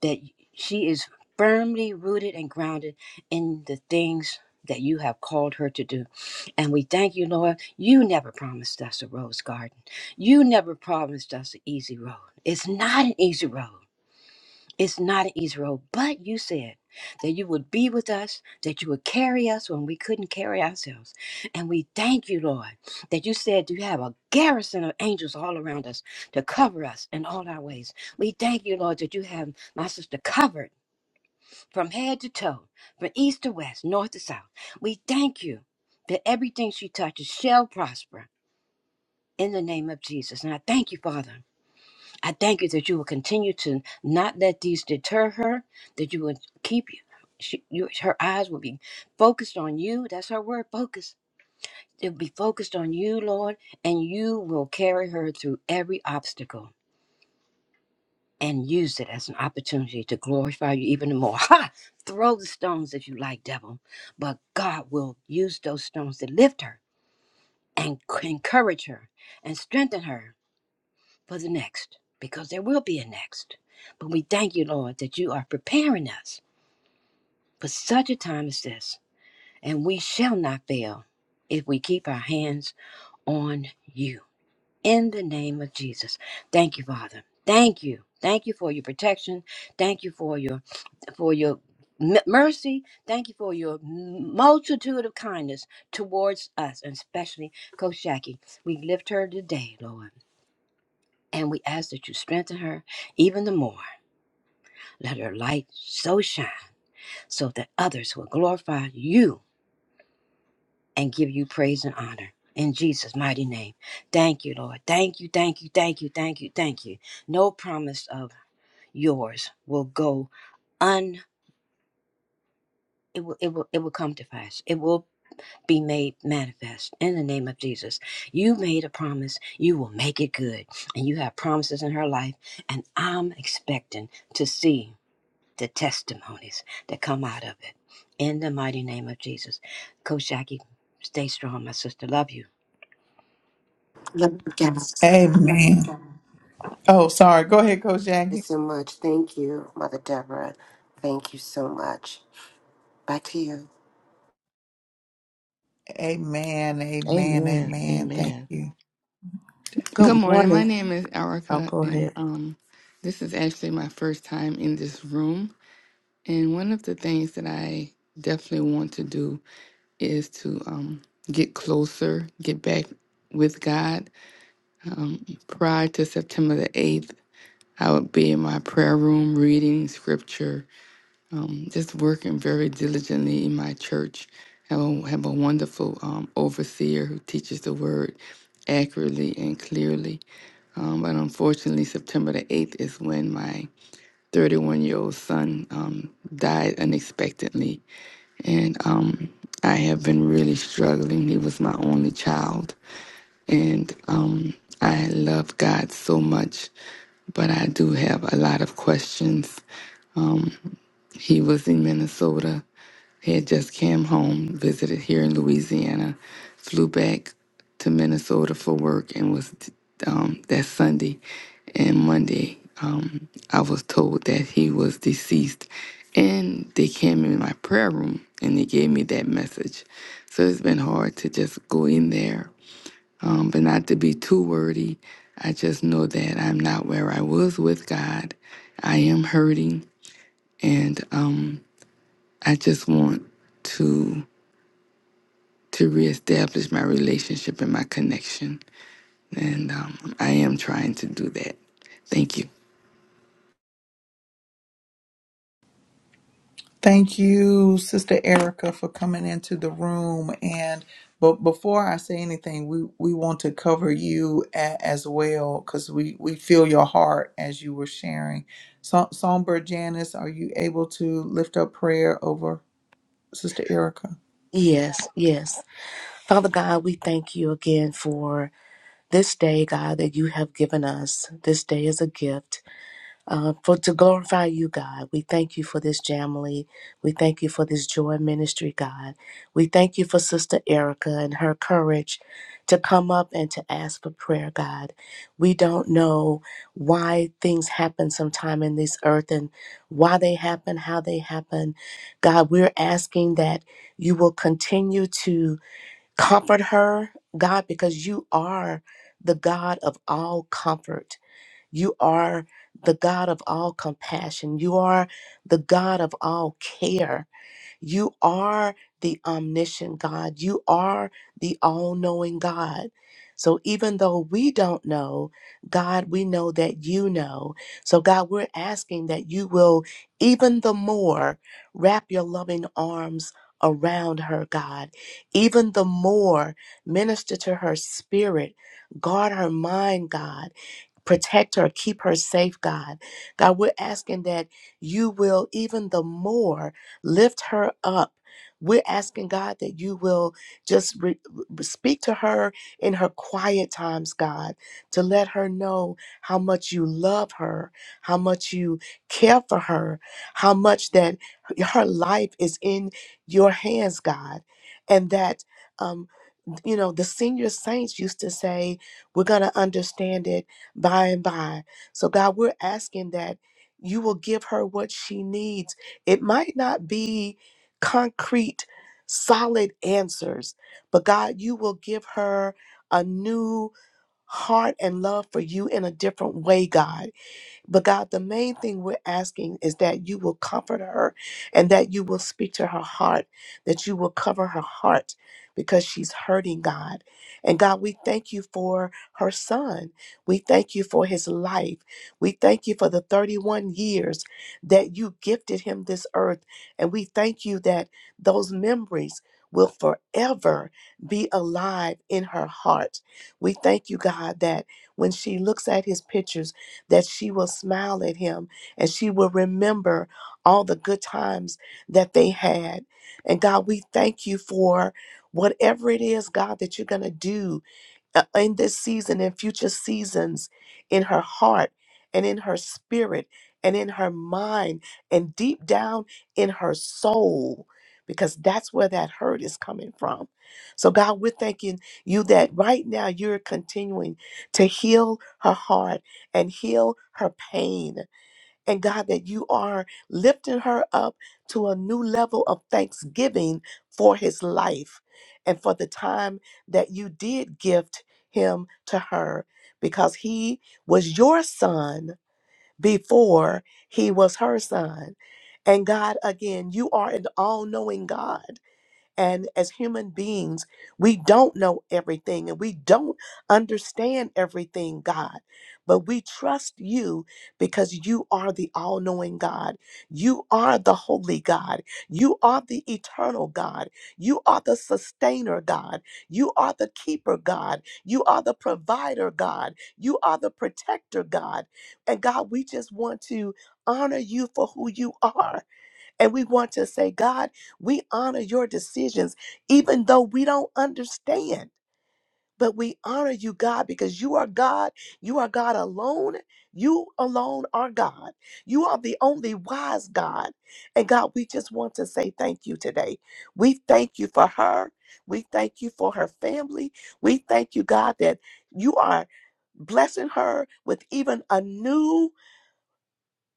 C: that she is firmly rooted and grounded in the things that you have called her to do. And we thank you, Lord. You never promised us a rose garden. You never promised us an easy road. It's not an easy road. It's not an easy road, but you said that you would be with us, that you would carry us when we couldn't carry ourselves. And we thank you, Lord, that you said you have a garrison of angels all around us to cover us in all our ways. We thank you, Lord, that you have my sister covered from head to toe, from east to west, north to south. We thank you that everything she touches shall prosper in the name of Jesus. And I thank you, Father I thank you that you will continue to not let these deter her, that you will keep she, you, her eyes will be focused on you. That's her word, focus. It will be focused on you, Lord, and you will carry her through every obstacle and use it as an opportunity to glorify you even more. Ha! Throw the stones if you like, devil, but God will use those stones to lift her and c- encourage her and strengthen her for the next, because there will be a next. But we thank you, Lord, that you are preparing us for such a time as this, and we shall not fail if we keep our hands on you. In the name of Jesus, thank you, Father. Thank you. Thank you for your protection. Thank you for your for your m- mercy. Thank you for your multitude of kindness towards us, and especially Coach Jackie. We lift her today, Lord, and we ask that you strengthen her even the more. Let her light so shine so that others will glorify you and give you praise and honor. In Jesus' mighty name. Thank you, Lord. Thank you, thank you, thank you, thank you, thank you. No promise of yours will go un it will, it will it will come to pass. It will be made manifest in the name of Jesus. You made a promise, you will make it good. And you have promises in her life, and I'm expecting to see. the testimonies that come out of it. In the mighty name of Jesus. Coach Jackie, stay strong, my sister. Love you.
E: Love you guys. Thank
A: Amen. Oh, sorry. Go ahead, Coach
E: you
A: Jackie.
E: so much. Thank you, Mother Deborah. Thank you so much. Back to you.
A: Amen. Amen.
F: Amen.
A: Amen. Thank
F: Amen.
A: you.
G: Good
F: Good
G: morning. My
F: morning.
G: name is
F: Oh,
G: Erica,
F: go
G: and
F: ahead.
G: um, this is actually my first time in this room. And one of the things that I definitely want to do is to um, get closer, get back with God. Um, prior to September the 8th, I would be in my prayer room reading scripture, um, just working very diligently in my church. I will have a wonderful um, overseer who teaches the word accurately and clearly um, but unfortunately, September the 8th is when my 31 year old son um, died unexpectedly. And um, I have been really struggling. He was my only child. And um, I love God so much, but I do have a lot of questions. Um, he was in Minnesota he had just came home, visited here in Louisiana, flew back to Minnesota for work, and was um, that Sunday and Monday. Um, I was told that he was deceased, and they came in my prayer room and they gave me that message. So it's been hard to just go in there, um, but not to be too wordy. I just know that I'm not where I was with God. I am hurting, and um, I just want to to reestablish my relationship and my connection. And um, I am trying to do that. Thank you.
A: Thank you, Sister Erica, for coming into the room. And but before I say anything, we we want to cover you a, as well because we we feel your heart as you were sharing. So, Songbird Janice, are you able to lift up prayer over Sister Erica?
F: Yes, yes. Father God, we thank you again for this day, God, that you have given us. This day is a gift. uh, for to glorify you, God. We thank you for this Jamily. We thank you for this joy ministry, God. We thank you for Sister Erica and her courage to come up and to ask for prayer, God. We don't know why things happen sometime in this earth and why they happen, how they happen. God, we're asking that you will continue to comfort her, God, because you are the God of all comfort. You are the God of all compassion. You are the God of all care. You are the omniscient God. You are the all knowing God. So even though we don't know, God, we know that you know. So, God, we're asking that you will even the more wrap your loving arms around her, God. Even the more minister to her spirit, guard her mind, God protect her, keep her safe, God. God, we're asking that you will even the more lift her up. We're asking God that you will just re- re- speak to her in her quiet times, God, to let her know how much you love her, how much you care for her, how much that her life is in your hands, God, and that. Um, you know, the senior saints used to say, we're going to understand it by and by. So, God, we're asking that you will give her what she needs. It might not be concrete, solid answers, but God, you will give her a new heart and love for you in a different way, God. But God, the main thing we're asking is that you will comfort her and that you will speak to her heart, that you will cover her heart because she's hurting, God. And God, we thank you for her son. We thank you for his life. We thank you for the 31 years that you gifted him this earth. And we thank you that those memories will forever be alive in her heart. We thank you, God, that when she looks at his pictures, that she will smile at him and she will remember all the good times that they had. And God, we thank you for whatever it is, God, that you're going to do uh, in this season and future seasons in her heart and in her spirit and in her mind and deep down in her soul because that's where that hurt is coming from. So, God, we're thanking you that right now you're continuing to heal her heart and heal her pain and God, that you are lifting her up to a new level of thanksgiving for his life and for the time that you did gift him to her because he was your son before he was her son. And God, again, you are an all knowing God. And as human beings, we don't know everything and we don't understand everything, God. But we trust you because you are the all knowing God. You are the holy God. You are the eternal God. You are the sustainer God. You are the keeper God. You are the provider God. You are the protector God. And God, we just want to honor you for who you are. And we want to say, God, we honor your decisions, even though we don't understand. But we honor you, God, because you are God. You are God alone. You alone are God. You are the only wise God. And God, we just want to say thank you today. We thank you for her. We thank you for her family. We thank you, God, that you are blessing her with even a new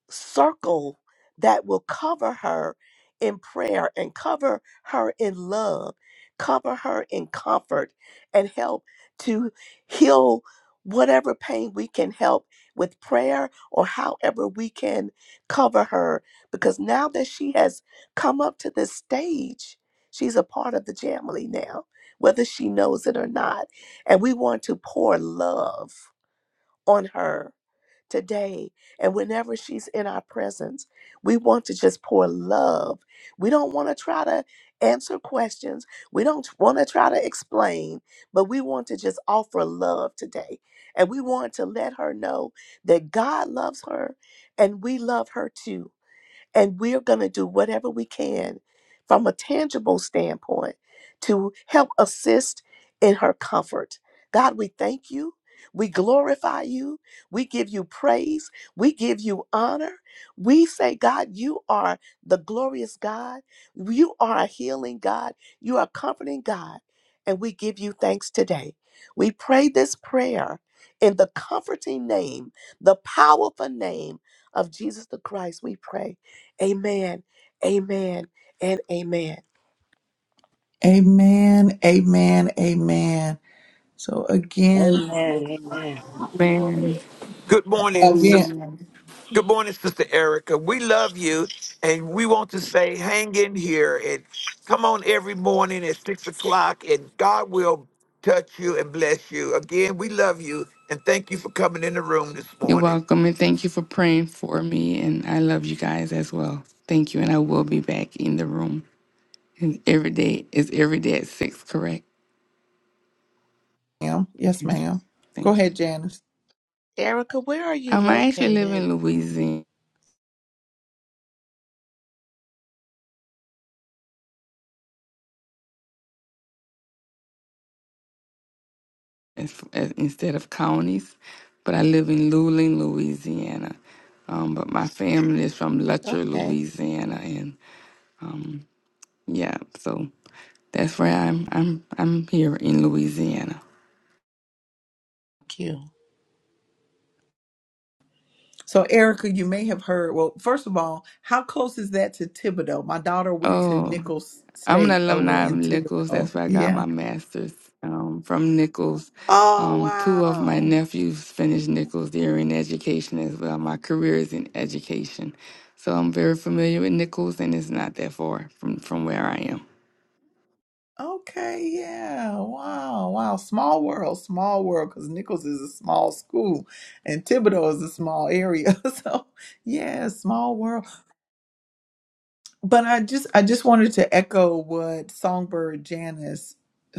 F: circle that will cover her in prayer and cover her in love, cover her in comfort, and help to heal whatever pain we can help with prayer or however we can cover her. Because now that she has come up to this stage, she's a part of the family now, whether she knows it or not. And we want to pour love on her today and whenever she's in our presence. We want to just pour love. We don't want to try to answer questions. We don't want to try to explain, but we want to just offer love today. And we want to let her know that God loves her and we love her too and we're going to do whatever we can from a tangible standpoint to help assist in her comfort. God, we thank you. We glorify you. We give you praise. We give you honor. We say, God, you are the glorious God. You are a healing God. You are a comforting God. And we give you thanks today. We pray this prayer in the comforting name, the powerful name of Jesus the Christ. We pray. Amen. Amen. And amen.
A: Amen. Amen. Amen. So again,
C: Amen. Amen.
G: Man,
B: Good morning,
A: again.
B: sister.
E: Amen.
B: Good morning, Sister Erica. We love you, and we want to say, hang in here and come on every morning at six o'clock, and God will touch you and bless you. Again, we love you, and thank you for coming in the room this
G: you're
B: morning.
G: welcome. And thank you for praying for me. And I love you guys as well. Thank you. And I will be back in the room. And every day is every day at six, correct?
A: ma'am. Yes,
G: Okay.
A: ma'am. Go
G: Thank you.
A: ahead, Janice.
F: Erica, where are you
G: Um, I actually live
F: located?
G: in Louisiana as, as, instead of counties, but I live in Luling, Louisiana. Um, but my family is from Lutcher,
F: Okay.
G: Louisiana, and um, Yeah, so that's where I'm I'm I'm here in Louisiana.
F: Thank you.
A: So, Erica, you may have heard. Well, first of all, how close is that to Thibodeau? My daughter went to
G: Oh,
A: Nichols
G: I'm an
A: State over
G: alumni of
A: in
G: Nichols.
A: Thibodeau.
G: That's where I got
A: Yeah.
G: my master's um, from Nichols.
A: Oh,
G: Um, two of my
A: wow.
G: nephews finished Nichols. They're in education as well. My career is in education, so I'm very familiar with Nichols, and it's not that far from from where I am.
A: Okay. Yeah. Wow. Wow. Small world. Small world. Because Nichols is a small school and Thibodeau is a small area. so, yeah, small world. But I just I just wanted to echo what Songbird Janice,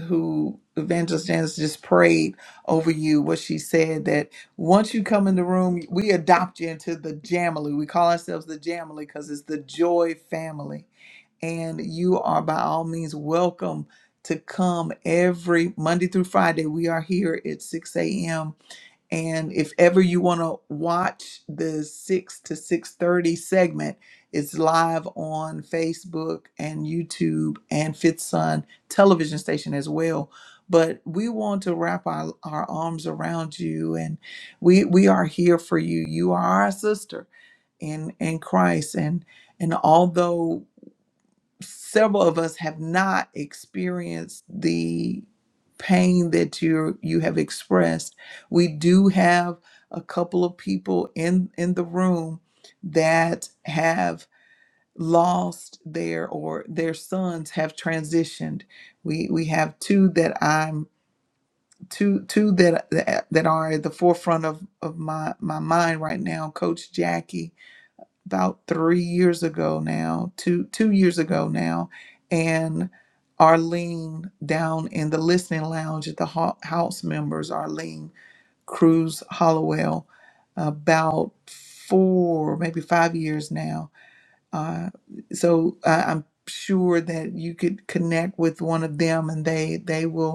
A: who Evangelist Janice just prayed over you, what she said that once you come in the room, we adopt you into the Jamily. We call ourselves the Jamily because it's the joy family. And you are by all means welcome to come every Monday through Friday. We are here at 6 a.m. And if ever you want to watch the 6 to 6:30 segment, it's live on Facebook and YouTube and Fifth Sun television station as well. But we want to wrap our, our arms around you and we we are here for you. You are our sister in in Christ and and although several of us have not experienced the pain that you you have expressed. We do have a couple of people in in the room that have lost their or their sons have transitioned. We we have two that I'm two two that that, that are at the forefront of of my my mind right now, coach Jackie about three years ago now, two two years ago now, and Arlene down in the listening lounge at the ho- House members, Arlene Cruz Hollowell, about four maybe five years now. Uh, so uh, I'm sure that you could connect with one of them, and they they will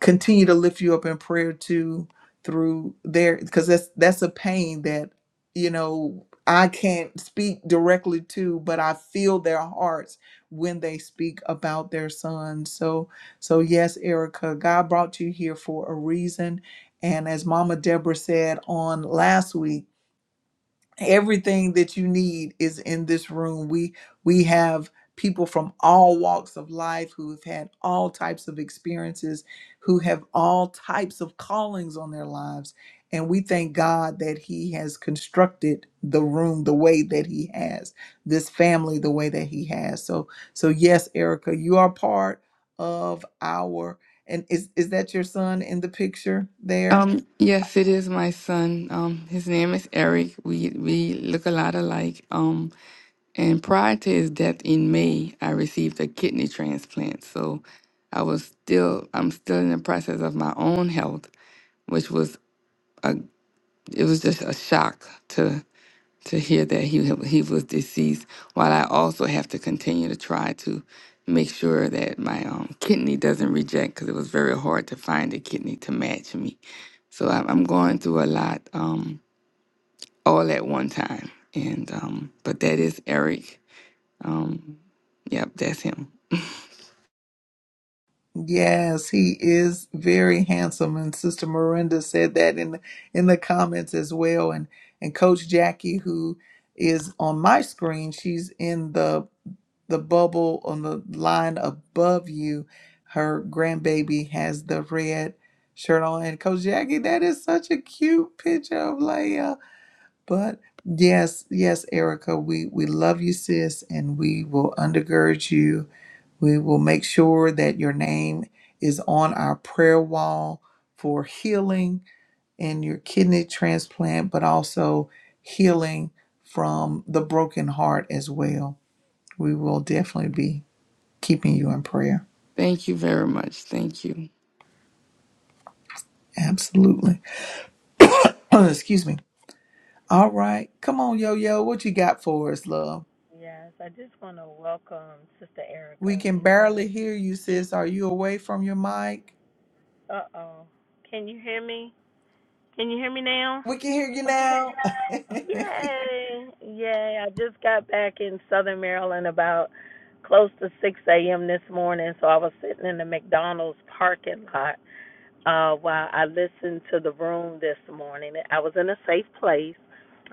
A: continue to lift you up in prayer too through there because that's that's a pain that you know I can't speak directly to but I feel their hearts when they speak about their son so so yes Erica God brought you here for a reason and as mama Deborah said on last week everything that you need is in this room we we have people from all walks of life who have had all types of experiences who have all types of callings on their lives and we thank god that he has constructed the room the way that he has this family the way that he has so so yes erica you are part of our and is is that your son in the picture there
G: Um, yes, it is my son. Um, his name is Eric. We we look a lot alike. Um, And prior to his death in May, I received a kidney transplant. So I was still, I'm still in the process of my own health, which was a, it was just a shock to to hear that he he was deceased. While I also have to continue to try to make sure that my um, kidney doesn't reject, because it was very hard to find a kidney to match me. So I'm I'm going through a lot um, all at one time. And um, but that is Eric. Um, yep, that's him.
A: Yes, he is very handsome, and Sister Miranda said that in the, in the comments as well. And and Coach Jackie, who is on my screen, she's in the the bubble on the line above you. Her grandbaby has the red shirt on, and Coach Jackie, that is such a cute picture of Leia. But yes, yes, Erica, we we love you, sis, and we will undergird you we will make sure that your name is on our prayer wall for healing in your kidney transplant, but also healing from the broken heart as well. We will definitely be keeping you in prayer.
G: Thank you very much. Thank you.
A: Absolutely. Excuse me. All right. Come on, yo yo. What you got for us, love?
H: Yes, I just want to welcome Sister
A: We
H: Erica
A: can barely
H: because,
A: hear you, sis. Are you away from your mic?
H: uh oh, can you hear me? Can you hear me now?
A: We can hear you now.
H: Yay! Yay! I just got back in Southern Maryland about close to 6 a.m. this morning, so I was sitting in the McDonald's parking lot uh, while I listened to the room this morning. I was in a safe place.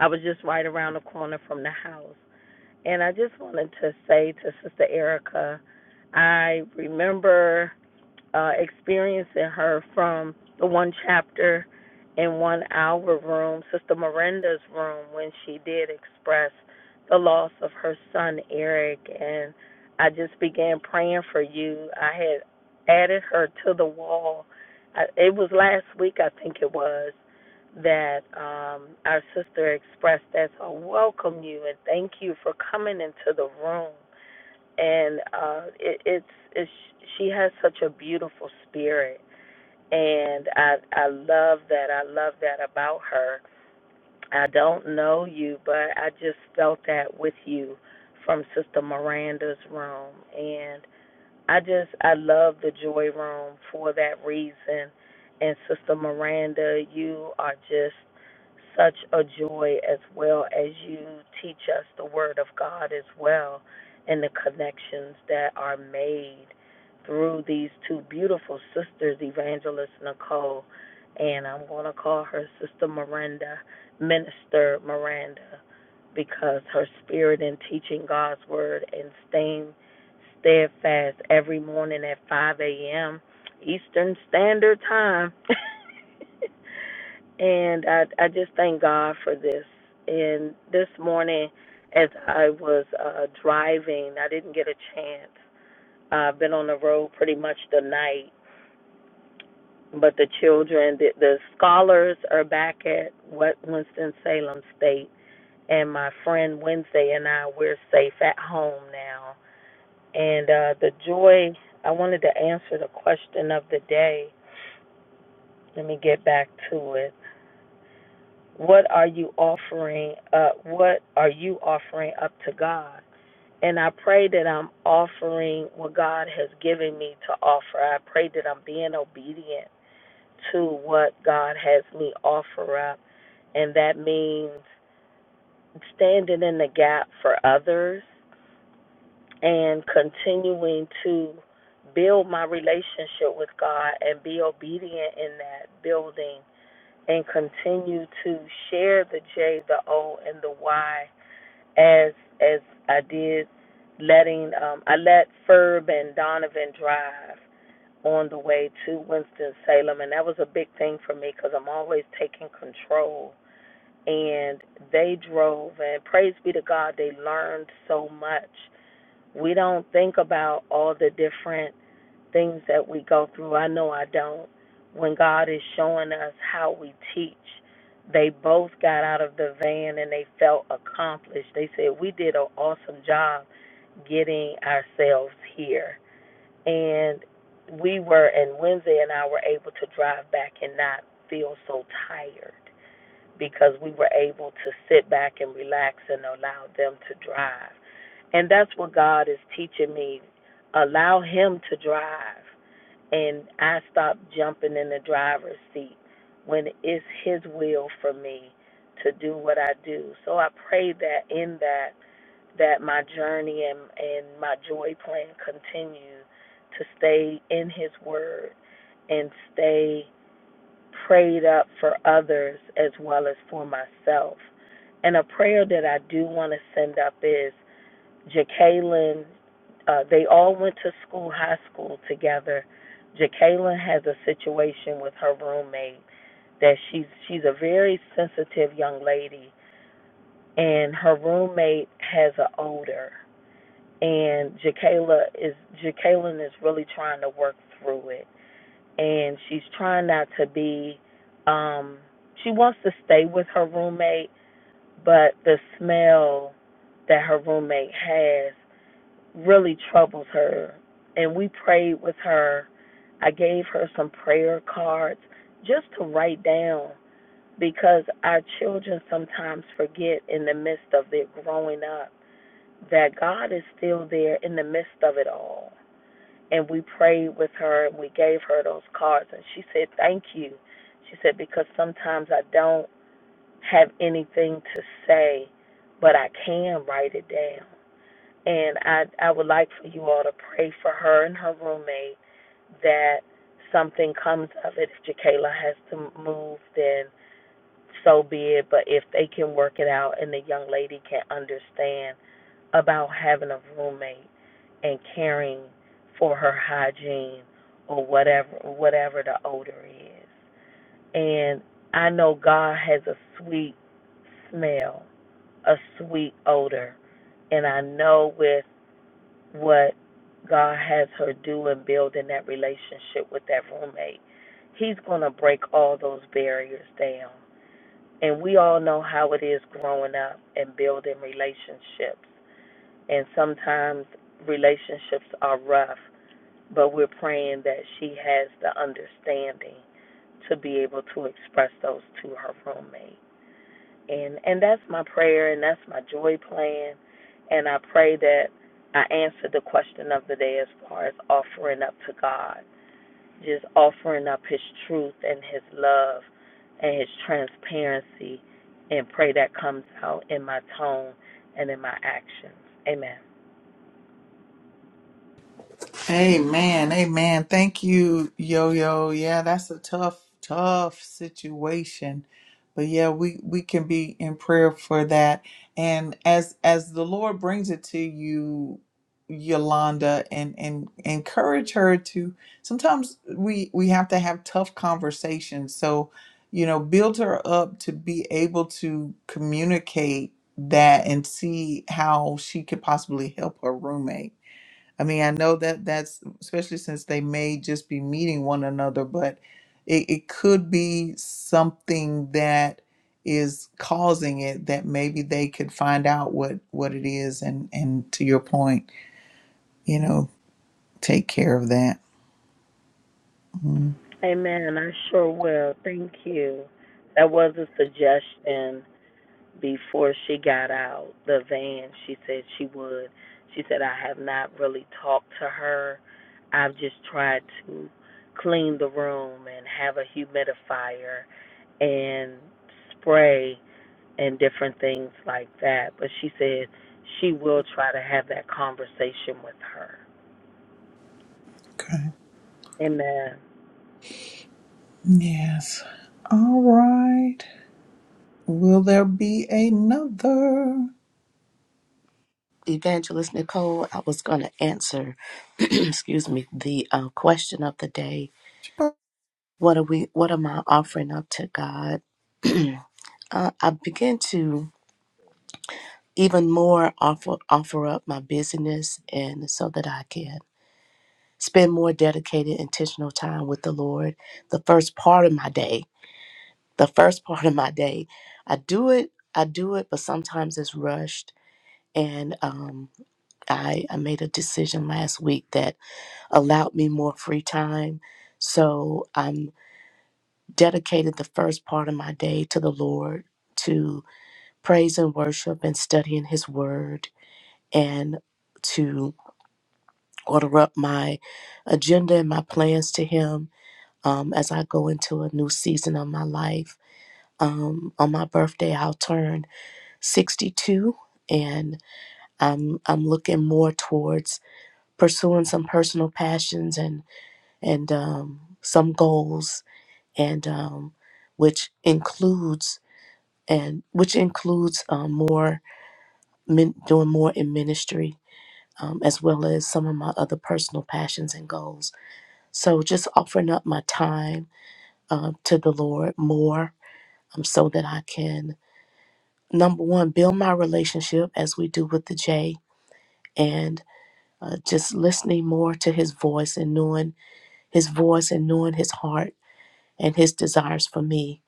H: I was just right around the corner from the house, And I just wanted to say to Sister Erica, I remember uh, experiencing her from the one chapter in one hour room, Sister Miranda's room, when she did express the loss of her son Eric. And I just began praying for you. I had added her to the wall. I, it was last week, I think it was, that um, our sister expressed that. So I welcome you and thank you for coming into the room and uh, it, it's, it's she has such a beautiful spirit, and I I love that. I love that about her. I don't know you, but I just felt that with you from Sister Miranda's room, and. I just I love the joy room for that reason. And Sister Miranda, you are just such a joy as well as you teach us the word of God as well and the connections that are made through these two beautiful sisters, Evangelist Nicole and I'm gonna call her Sister Miranda, Minister Miranda, because her spirit in teaching God's word and staying steadfast every morning at 5 a.m. Eastern Standard Time. and I, I just thank God for this. And this morning, as I was uh, driving, I didn't get a chance. I've been on the road pretty much the night, but the children, the, the scholars are back at what Winston Salem State, and my friend Wednesday and I, we're safe at home now and uh, the joy, I wanted to answer the question of the day. Let me get back to it. What are you offering? Uh, what are you offering up to God? And I pray that I'm offering what God has given me to offer. I pray that I'm being obedient to what God has me offer up. And that means standing in the gap for others and continuing to build my relationship with God and be obedient in that building and continue to share the J, the O, and the Y as as I did letting um, I let Ferb and Donovan drive on the way to Winston Salem, and that was a big thing for me because I'm always taking control. And they drove, and praise be to God, they learned so much we don't think about all the different things that we go through. I know I don't. When God is showing us how we teach, they both got out of the van and they felt accomplished. They said, We did an awesome job getting ourselves here. And we were, and Wednesday and I were able to drive back and not feel so tired because we were able to sit back and relax and allow them to drive. And that's what God is teaching me. Allow Him to drive. And I stopped jumping in the driver's seat when it's His will for me to do what I do. So I pray that in that, that my journey and, and my joy plan continue to stay in His Word and stay prayed up for others as well as for myself. And a prayer that I do want to send up is Jacqueline, uh, they all went to school, high school together. Jacqueline has a situation with her roommate that she's she's a very sensitive young lady, and her roommate has an odor, and Jacqueline is Jacqueline is really trying to work through it and she's trying not to be um she wants to stay with her roommate but the smell that her roommate has really troubles her and we prayed with her i gave her some prayer cards just to write down because our children sometimes forget in the midst of their growing up that god is still there in the midst of it all and we prayed with her and we gave her those cards and she said thank you she said because sometimes i don't have anything to say but i can write it down and i i would like for you all to pray for her and her roommate that something comes of it if Jakayla has to move then so be it but if they can work it out and the young lady can understand about having a roommate and caring for her hygiene or whatever whatever the odor is. And I know God has a sweet smell, a sweet odor. And I know with what God has her do in building that relationship with that roommate, He's going to break all those barriers down. And we all know how it is growing up and building relationships and sometimes relationships are rough, but we're praying that she has the understanding to be able to express those to her roommate. And and that's my prayer and that's my joy plan and I pray that I answer the question of the day as far as offering up to God, just offering up his truth and his love and his transparency and pray that comes out in my tone and in my actions. Amen.
A: Amen. Amen. Thank you, Yo Yo. Yeah, that's a tough, tough situation. But yeah, we, we can be in prayer for that. And as as the Lord brings it to you, Yolanda, and, and encourage her to sometimes we we have to have tough conversations. So, you know, build her up to be able to communicate that and see how she could possibly help her roommate I mean, I know that that's especially since they may just be meeting one another, but it, it could be something that is causing it that maybe they could find out what what it is and and to your point, you know, take care of that.
H: Amen. I sure will. Thank you. That was a suggestion before she got out the van. She said she would. She said, I have not really talked to her. I've just tried to clean the room and have a humidifier and spray and different things like that. But she said she will try to have that conversation with her.
A: Okay.
H: Amen.
A: Yes. All right. Will there be another?
F: Evangelist Nicole, I was going to answer, excuse me, the uh, question of the day. What are we, what am I offering up to God? uh, I begin to even more offer offer up my busyness and so that I can spend more dedicated intentional time with the Lord the first part of my day the first part of my day I do it I do it but sometimes it's rushed and um, I, I made a decision last week that allowed me more free time so I'm dedicated the first part of my day to the Lord to praise and worship and studying his word and to order up my agenda and my plans to Him um, as I go into a new season of my life. Um, on my birthday, I'll turn 62, and I'm I'm looking more towards pursuing some personal passions and and um, some goals, and um, which includes and which includes um, more min- doing more in ministry. Um, as well as some of my other personal passions and goals. So just offering up my time um, to the Lord more um, so that I can, number one, build my relationship as we do with the J and uh, just listening more to his voice and knowing his voice and knowing his heart and his desires for me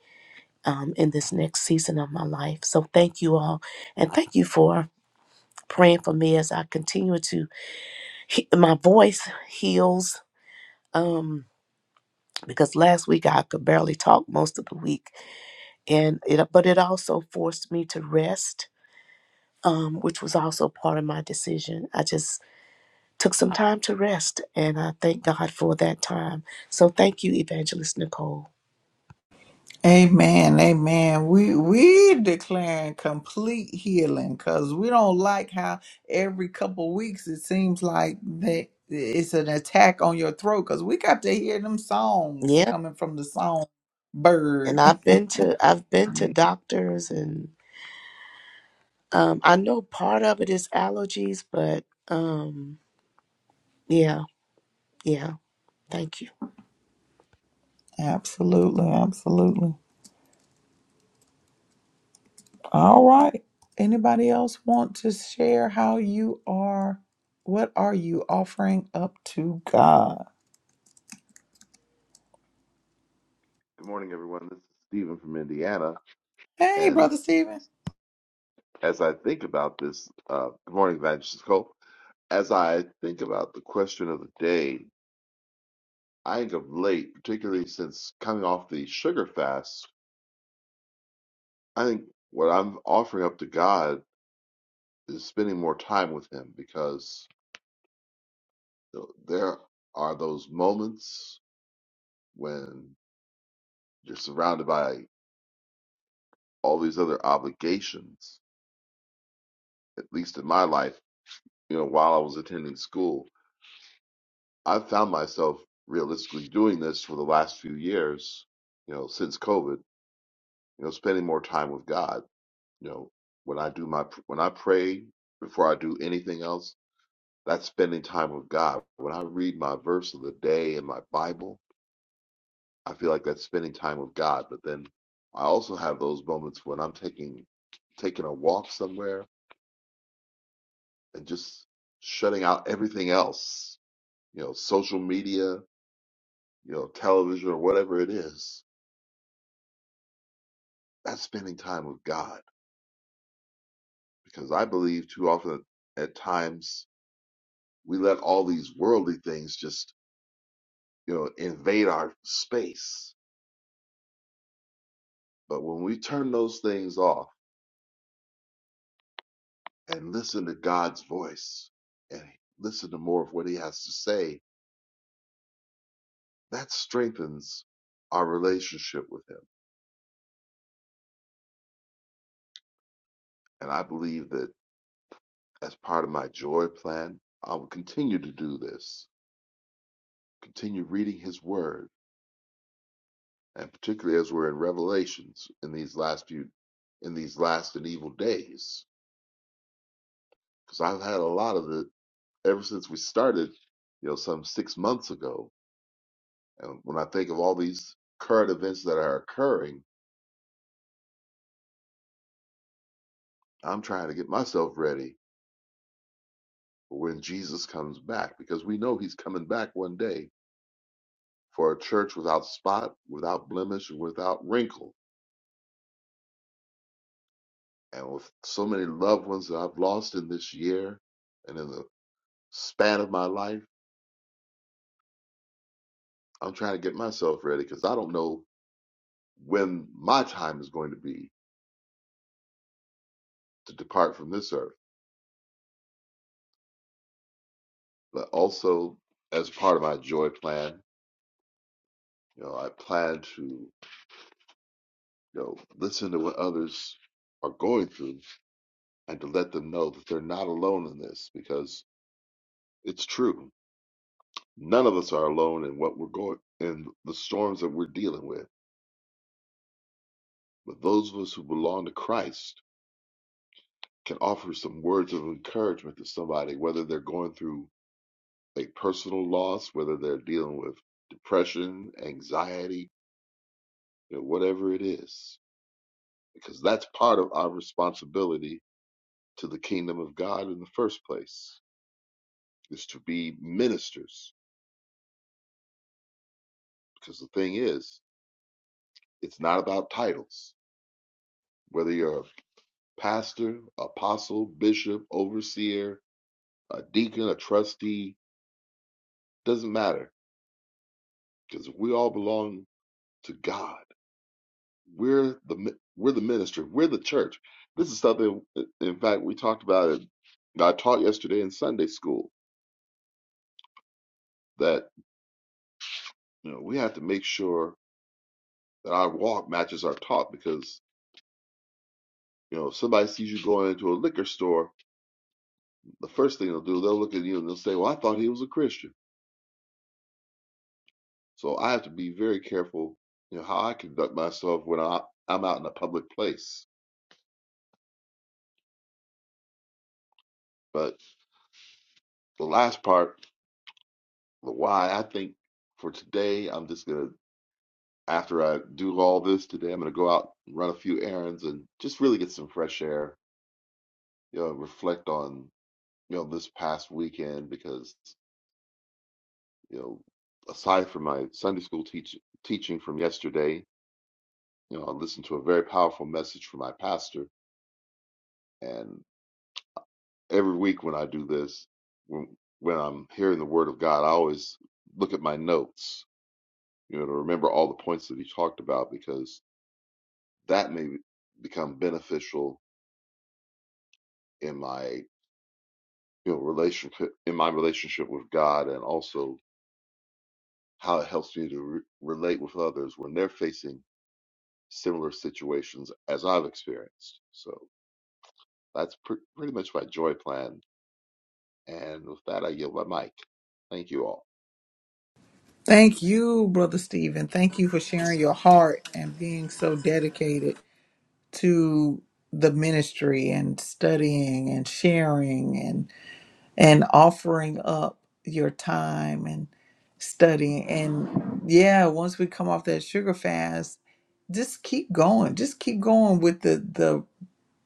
F: um, in this next season of my life. So thank you all. And thank you for praying for me as I continue to, he- my voice heals um, because last week I could barely talk most of the week and it but it also forced me to rest um, which was also part of my decision i just took some time to rest and i thank god for that time so thank you evangelist nicole
A: Amen, amen. We we declaring complete healing because we don't like how every couple weeks it seems like that it's an attack on your throat because we got to hear them songs
F: yeah
A: coming from the song
F: and
A: bird.
F: i've been to i've been to doctors and um, i know part of it is allergies but um, yeah yeah thank you
A: Absolutely, absolutely. All right. Anybody else want to share how you are? What are you offering up to God?
D: Good morning, everyone. This is Stephen from Indiana.
A: Hey,
D: And
A: brother Stephen.
D: as I think about this, uh, good morning, Evangelist Cole. As I think about the question of the day, I think of late, particularly since coming off the sugar fast, I think what I'm offering up to God is spending more time with Him because you know, there are those moments when you're surrounded by all these other obligations, at least in my life you know, while I was attending school. I've found myself realistically doing this for the last few years, you know, since COVID, you know, spending more time with God. You know, when I do my, when I pray before I do anything else, that's spending time with God. When I read my verse of the day in my Bible, I feel like that's spending time with God. But then I also have those moments when I'm taking, taking a walk somewhere and just shutting out everything else, you know, social media, you know, television or whatever it is, that's spending time with God. Because I believe too often at times we let all these worldly things just, you know, invade our space. But when we turn those things off and listen to God's voice and listen to more of what he has to say, that strengthens our relationship with him. And I believe that as part of my joy plan, I will continue to do this, continue reading his word and particularly as we're in Revelations in these last few, in these last and evil days. Because I've had a lot of it ever since we started, you know, some six months ago. And when I think of all these current events that are occurring, I'm trying to get myself ready for when Jesus comes back, because we know He's coming back one day for a church without spot, without blemish, and without wrinkle. And with so many loved ones that I've lost in this year and in the span of my life I'm trying to get myself ready because I don't know when my time is going to be to depart from this earth. But also, as part of my joy plan, you know, I plan to, you know, listen to what others are going through and to let them know that they're not alone in this because it's true. None of us are alone in what we're going in the storms that we're dealing with. But those of us who belong to Christ can offer some words of encouragement to somebody, whether they're going through a personal loss, whether they're dealing with depression, anxiety, you know, whatever it is, because that's part of our responsibility to the kingdom of God in the first place, is to be ministers. Because the thing is, it's not about titles. Whether you're a pastor, apostle, bishop, overseer, a deacon, a trustee, doesn't matter, because we all belong to God We're the mi- we're the ministry. We're the church. This is something. In fact, we talked about it. I taught yesterday in Sunday school that you know we have to make sure that our walk matches our talk because you know if somebody sees you going into a liquor store, the first thing they'll do they'll look at you and they'll say, "Well, I thought he was a Christian." So I have to be very careful, you know, how I conduct myself when I, I'm out in a public place. But the last part, the why, I think for today, I'm just gonna after I do all this today, I'm going to go out and run a few errands and just really get some fresh air, you know, reflect on, you know, this past weekend because, you know, aside from my Sunday school teach teaching from yesterday, you know, I listened to a very powerful message from my pastor. And every week when I do this, when, when I'm hearing the word of God, I always look at my notes, you know, to remember all the points that he talked about because that may become beneficial in my you know relationship in my relationship with God and also how it helps me to re- relate with others when they're facing similar situations as I've experienced. So that's pre- pretty much my joy plan. And with that, I yield my mic. Thank you all.
A: Thank you, Brother Stephen. Thank you for sharing your heart and being so dedicated to the ministry and studying and sharing and and offering up your time and studying and yeah once we come off that sugar fast just keep going just keep going with the the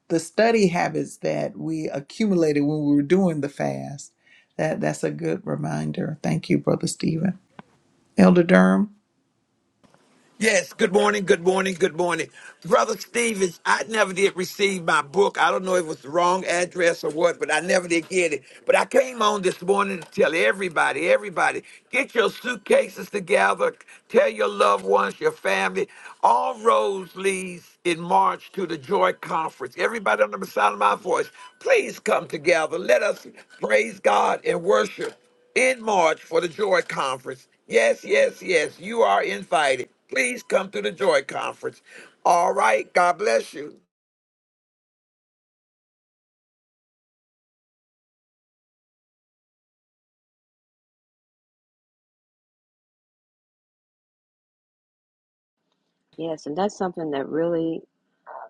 A: the study habits that we accumulated when we were doing the fast that that's a good reminder thank you brother stephen elder durham
B: Yes, good morning, good morning, good morning. Brother Stevens, I never did receive my book. I don't know if it was the wrong address or what, but I never did get it. But I came on this morning to tell everybody, everybody, get your suitcases together, tell your loved ones, your family. All roads leads in March to the Joy Conference. Everybody under the sound of my voice, please come together. Let us praise God and worship in March for the Joy Conference. Yes, yes, yes, you are invited. Please come to the Joy Conference. All right, God bless you.
C: Yes, and that's something that really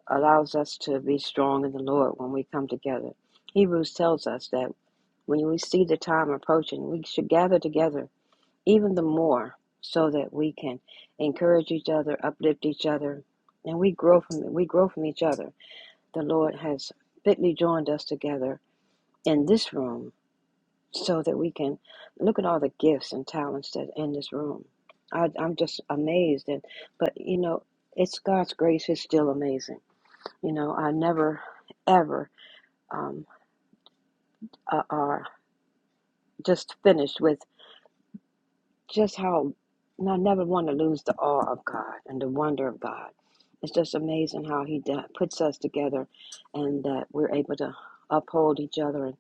C: allows us to be strong in the Lord when we come together. Hebrews tells us that when we see the time approaching, we should gather together even the more so that we can encourage each other, uplift each other, and we grow from we grow from each other. The Lord has fitly joined us together in this room so that we can look at all the gifts and talents that in this room. I, I'm just amazed, and but you know, it's God's grace is still amazing. You know, I never ever um, uh, are just finished with just how. And I never want to lose the awe of God and the wonder of God. It's just amazing how He do- puts us together, and that we're able to uphold each other and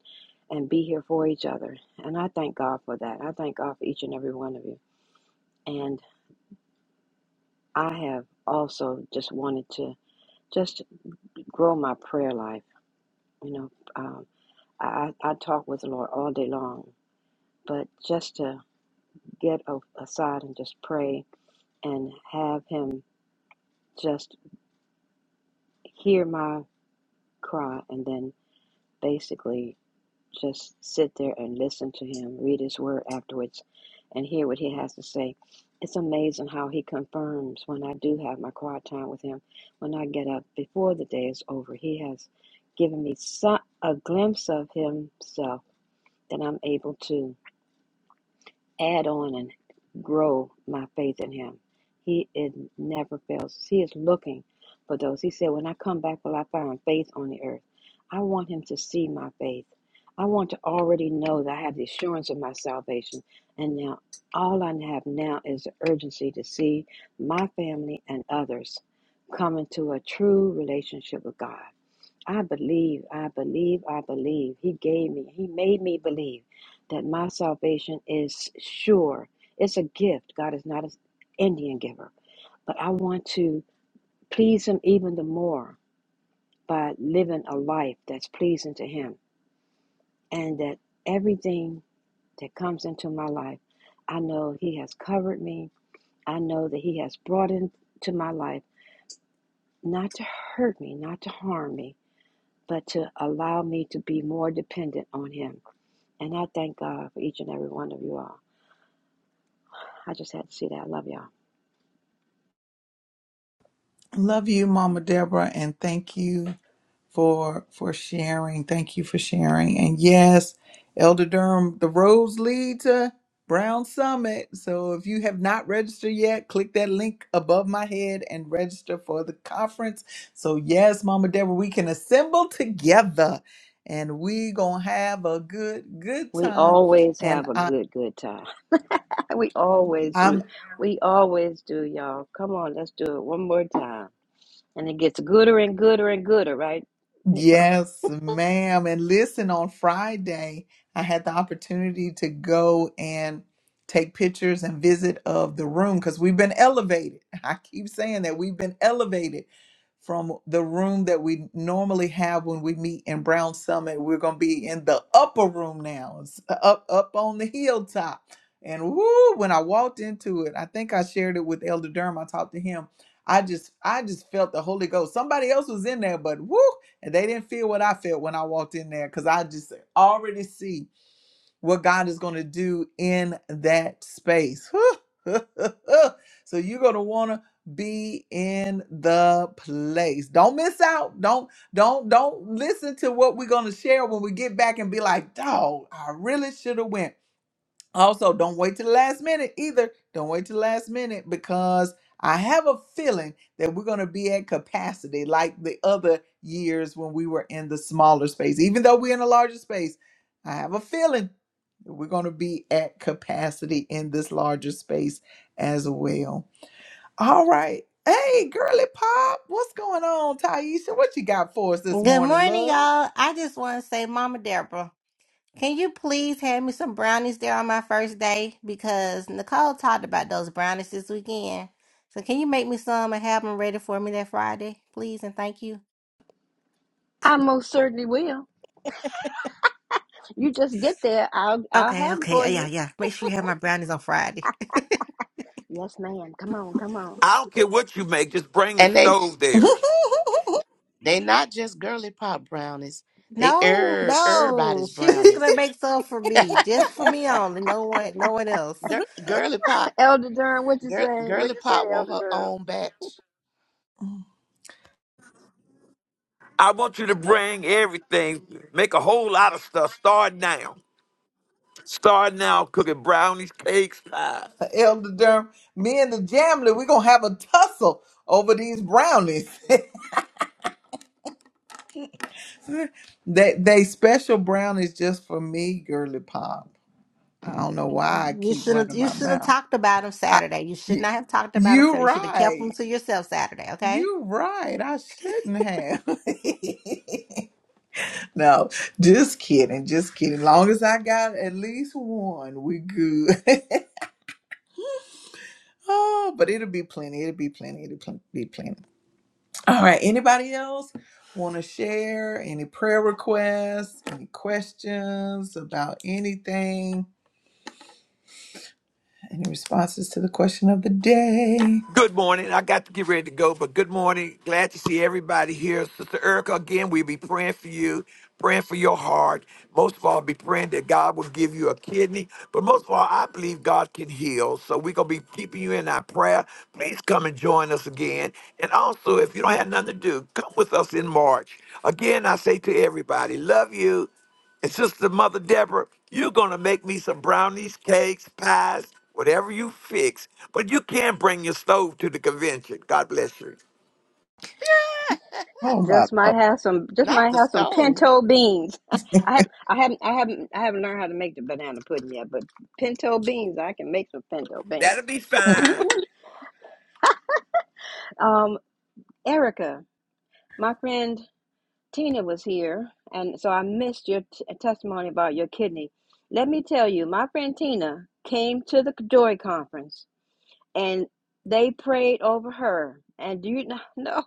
C: and be here for each other. And I thank God for that. I thank God for each and every one of you. and. I have also just wanted to just grow my prayer life. You know, um, I, I I talk with the Lord all day long, but just to get a, aside and just pray and have Him just hear my cry and then basically Just sit there and listen to him, read his word afterwards, and hear what he has to say. It's amazing how he confirms when I do have my quiet time with him. When I get up before the day is over, he has given me so- a glimpse of himself that I'm able to add on and grow my faith in him. He is never fails. He is looking for those. He said, When I come back, will I find faith on the earth? I want him to see my faith. I want to already know that I have the assurance of my salvation. And now all I have now is the urgency to see my family and others come into a true relationship with God. I believe, I believe, I believe. He gave me, He made me believe that my salvation is sure. It's a gift. God is not an Indian giver. But I want to please Him even the more by living a life that's pleasing to Him. And that everything that comes into my life, I know He has covered me. I know that He has brought into my life not to hurt me, not to harm me but to allow me to be more dependent on Him. And I thank God for each and every one of you all. I just had to see that. I love y'all.
A: Love you, Mama Deborah, and thank you for for sharing. Thank you for sharing. And yes, Elder Durham, the roads lead to Brown Summit. So if you have not registered yet, click that link above my head and register for the conference. So yes, Mama Deborah, we can assemble together and we gonna have a good good
C: We
A: time.
C: always
A: And
C: have a
A: I,
C: good, good time. we always do. We always do, y'all. Come on, let's do it one more time. And it gets gooder and gooder and gooder, right, Nico?
A: Yes, ma'am. And listen, on Friday, I had the opportunity to go and take pictures and visit of the room because we've been elevated. I keep saying that we've been elevated from the room that we normally have when we meet in Brown Summit. We're going to be in the upper room now, it's up up on the hilltop. And woo, when I walked into it, I think I shared it with Elder Durham. I talked to him. I just I just felt the Holy Ghost. Somebody else was in there, but woo, and they didn't feel what I felt when I walked in there cuz I just already see what God is going to do in that space. so you're going to want to be in the place. Don't miss out. Don't don't don't listen to what we're going to share when we get back and be like, "Dog, I really should have went." Also, don't wait till the last minute either. Don't wait till the last minute because I have a feeling that we're going to be at capacity like the other years when we were in the smaller space. Even though we're in a larger space, I have a feeling that we're going to be at capacity in this larger space as well. All right. Hey, girly pop, what's going on, Taisha? What you got for us this
I: Good
A: morning,
I: morning,
A: love?
I: y'all. I just want to say, Mama Deborah, can you please hand me some brownies there on my first day? Because Nicole talked about those brownies this weekend. So can you make me some and have them ready for me that Friday, please? And thank you.
C: I most certainly will. You just get there. I'll I'll
I: Okay,
C: have them
I: okay.
C: for
I: Uh, Yeah,
C: you.
I: yeah. Make sure you have my brownies on Friday.
C: Yes, ma'am. Come on, come on.
B: I don't care what you make, just bring the
F: and they
B: stove there.
F: they not just girly pop brownies they
I: no,
F: er
I: no.
F: everybody's
I: She's just gonna
F: brownies
I: make some for me. Just for me only. No one no one else.
F: Gir- girly pop
C: Elder Durham, what you
F: Girl,
C: say? What
F: Girly
C: you say,
F: Pop want
C: Elder
F: her
C: Durham?
F: own batch.
B: I want you to bring everything, make a whole lot of stuff. Start now. Start now cooking brownies, cakes, pies.
A: Elder Durham, me and the Jamley, we're gonna have a tussle over these brownies. they they special brownies just for me, girly pop. I don't know why I
I: You
A: keep
I: should have
A: running
I: you
A: my
I: should have
A: mouth.
I: talked about them
A: I,
I: Saturday. You should not have
A: y-
I: talked about them
A: you
I: Saturday. You should have kept
A: right.
I: them to yourself Saturday, okay?
A: You right. I shouldn't have. no, just kidding. Just kidding. Long as I got at least one, we good. oh, but it'll be plenty. It'll be plenty. It'll pl- be plenty. All right. Anybody else want to share any prayer requests, any questions about anything, any responses to the question of the day?
B: Good morning. I got to get ready to go, but good morning. Glad to see everybody here. Sister Erica, again, we'll be praying for you, praying for your heart. Most of all, be praying that God will give you a kidney. But most of all, I believe God can heal. So we're going to be keeping you in our prayer. Please come and join us again. And also, if you don't have nothing to do, come with us in March. Again, I say to everybody, love you. And Sister Mother Deborah, you're going to make me some brownies, cakes, pies, whatever you fix. But you can't bring your stove to the convention. God bless you.
A: Oh my.
C: Just might have some. Just
F: Not
C: might
F: the
C: have some
F: stove.
C: pinto beans. I have. I haven't. I haven't. I haven't learned how to make the banana pudding yet. But pinto beans, I can make some pinto beans.
B: That'll be
A: Lord.
B: fine.
C: Um, Erica, my friend Tina was here, and so I missed your t- testimony about your kidney. Let me tell you, my friend Tina came to the Joy Conference, and they prayed over her. And do you know? No,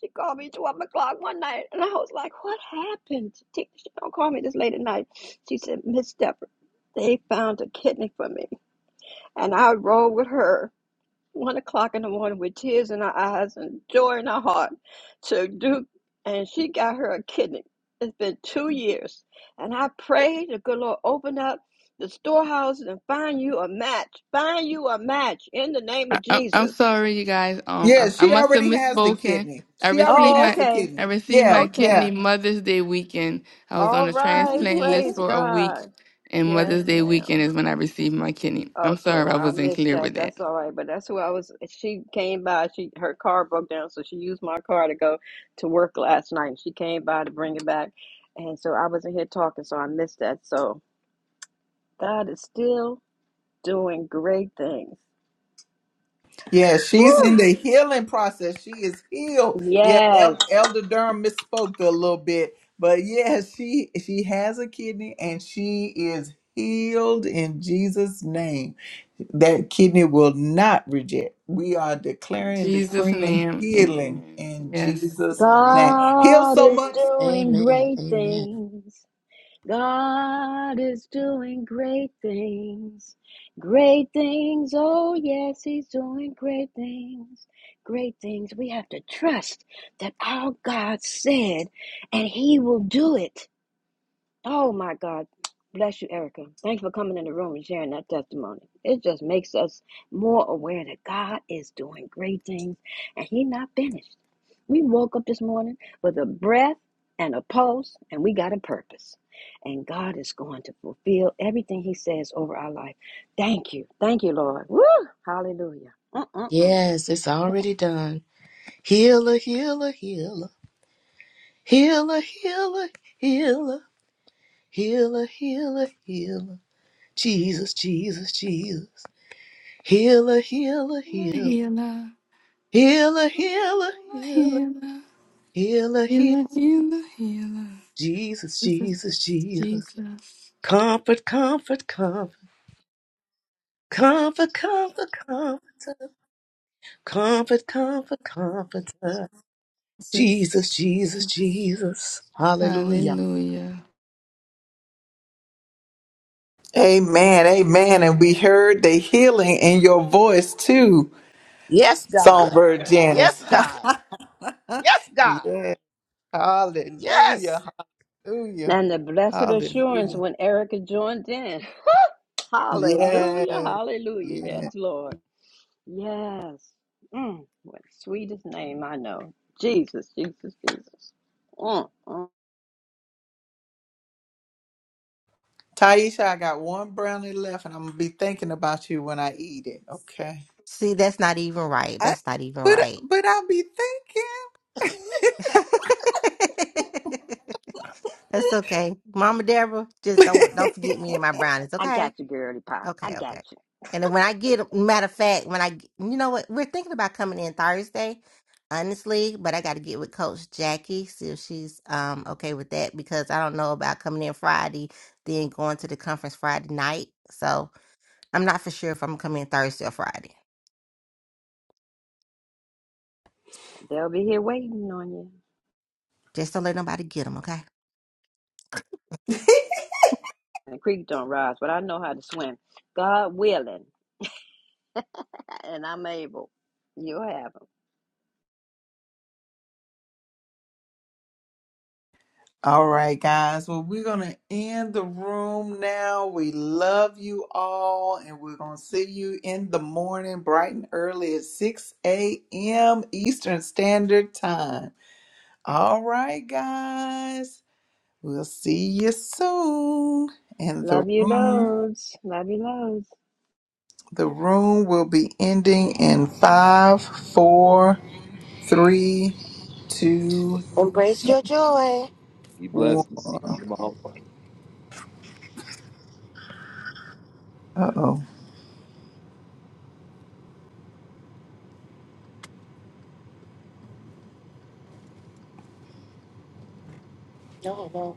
C: She called me 12 o'clock one night, and I was like, What happened? She, don't call me this late at night. She said, Miss Deborah, they found a kidney for me. And I rode with her one o'clock in the morning with tears in her eyes and joy in her heart to Duke, and she got her a kidney. It's been two years. And I prayed the good Lord open up the storehouses and find you a match. Find you a match in the name
G: I,
C: of
G: I, I'm
C: Jesus.
G: sorry, you guys. Um,
A: yeah,
G: I, I
A: she
G: must have
A: already has the
G: misspoken.
A: kidney.
G: I
A: She already
G: received
C: Oh,
A: has
G: my
A: the
C: okay.
G: I
A: kidney.
G: received
A: Yeah,
G: my
C: Okay.
G: kidney
A: yeah.
G: Mother's Day weekend. I
A: yeah.
G: was
C: All
G: on a
C: right,
G: transplant list
C: praise
G: for a week,
C: God.
G: and
C: Yes,
G: Mother's Day weekend
C: ma'am.
G: is when I received my kidney. I'm
C: Okay,
G: sorry, I
C: well, I
G: wasn't
C: missed
G: clear with
C: that.
G: that.
C: That's all right, but that's who I was. She came by. She her car broke down, so she used my car to go to work last night. She came by to bring it back, and so I wasn't here talking, so I missed that. So God is still doing great things.
A: Yeah, she's in
C: Woo!
A: the healing process. She is healed. Yeah,
C: Yes,
A: El- Elder Durham misspoke a little bit, but yeah, she she has a kidney and she is healed in Jesus' name. That kidney will not reject. We are
G: In
A: declaring, and
G: Jesus'
A: decreeing
G: name,
A: healing
G: Amen.
A: in
G: Yes.
A: Jesus' name.
F: Amen.
A: Heal
C: God
A: so
C: is
A: much.
C: doing
F: Amen.
C: great
F: Amen.
C: things. God is doing great things. Great things. Oh, yes, He's doing great things. Great things. We have to trust that our God said, and He will do it. Oh my God. Bless you, Erica. Thanks for coming in the room and sharing that testimony. It just makes us more aware that God is doing great things and He's not finished. We woke up this morning with a breath and a pulse, and we got a purpose. And God is going to fulfill everything He says over our life. Thank you. Thank you, Lord. Woo! Hallelujah. Mm-mm-mm.
F: Yes, it's already done. Healer, healer, healer. Healer, healer, healer. Healer, healer, healer. Jesus, Jesus, Jesus. Healer, healer, healer.
G: Healer,
F: Healer,
G: healer,
F: healer, healer.
G: healer,
F: Healer, healer.
G: healer, healer, healer.
F: Jesus,
G: Jesus,
F: Jesus, Jesus.
G: Jesus,
F: Comfort, comfort, comfort. Comfort, comfort, comfort. Comfort, comfort, comforter. Jesus, Jesus,
G: Jesus.
F: Jesus. Hallelujah.
G: Hallelujah.
A: Amen. Amen. And we heard the healing in your voice too,
F: Yes, God.
A: Songbird
F: Yes,
A: Janice.
F: God. Yes, God.
A: yeah.
F: Yes.
A: Hallelujah. Hallelujah.
C: And the blessed assurance
A: Hallelujah.
C: when Erica joined in. Hallelujah.
A: Yes.
C: Hallelujah. Yes,
A: Yeah.
C: Lord. Yes. Mm, what sweetest name I know. Jesus, Jesus, Jesus. Mm, mm.
A: Taisha, I got one brownie left and I'm gonna be thinking about you when I eat it. Okay.
I: See, that's not even right.
A: I,
I: That's not even
A: but
I: right.
A: but I'll be
I: that's okay. Mama Deborah,
A: thinking.
I: just don't don't forget me and my brownies,
C: I
I: Okay.
C: got you, girly pop. I
I: Okay,
C: got
I: okay.
C: you.
I: And then when I get, matter of fact, when I, you know what, we're thinking about coming in Thursday, honestly, but I got to get with Coach Jackie, see if she's um okay with that because I don't know about coming in Friday, then going to the conference Friday night. So I'm not for sure if I'm coming in Thursday or Friday.
C: They'll be here waiting on you.
I: Just don't let nobody get them, okay?
C: The creek don't rise, but I know how to swim. God willing, and I'm able. You'll have 'em.
A: all right, guys. Well, we're gonna end the room now. We love you all, and we're gonna see you in the morning, bright and early at 6 a.m. Eastern Standard Time. All right, guys. We'll see you soon. And the
C: Love you
A: room,
C: loads. Love you loads.
A: the room will be ending in five, four, three, two,
E: Embrace your joy.
A: one. Uh oh.
E: No. no.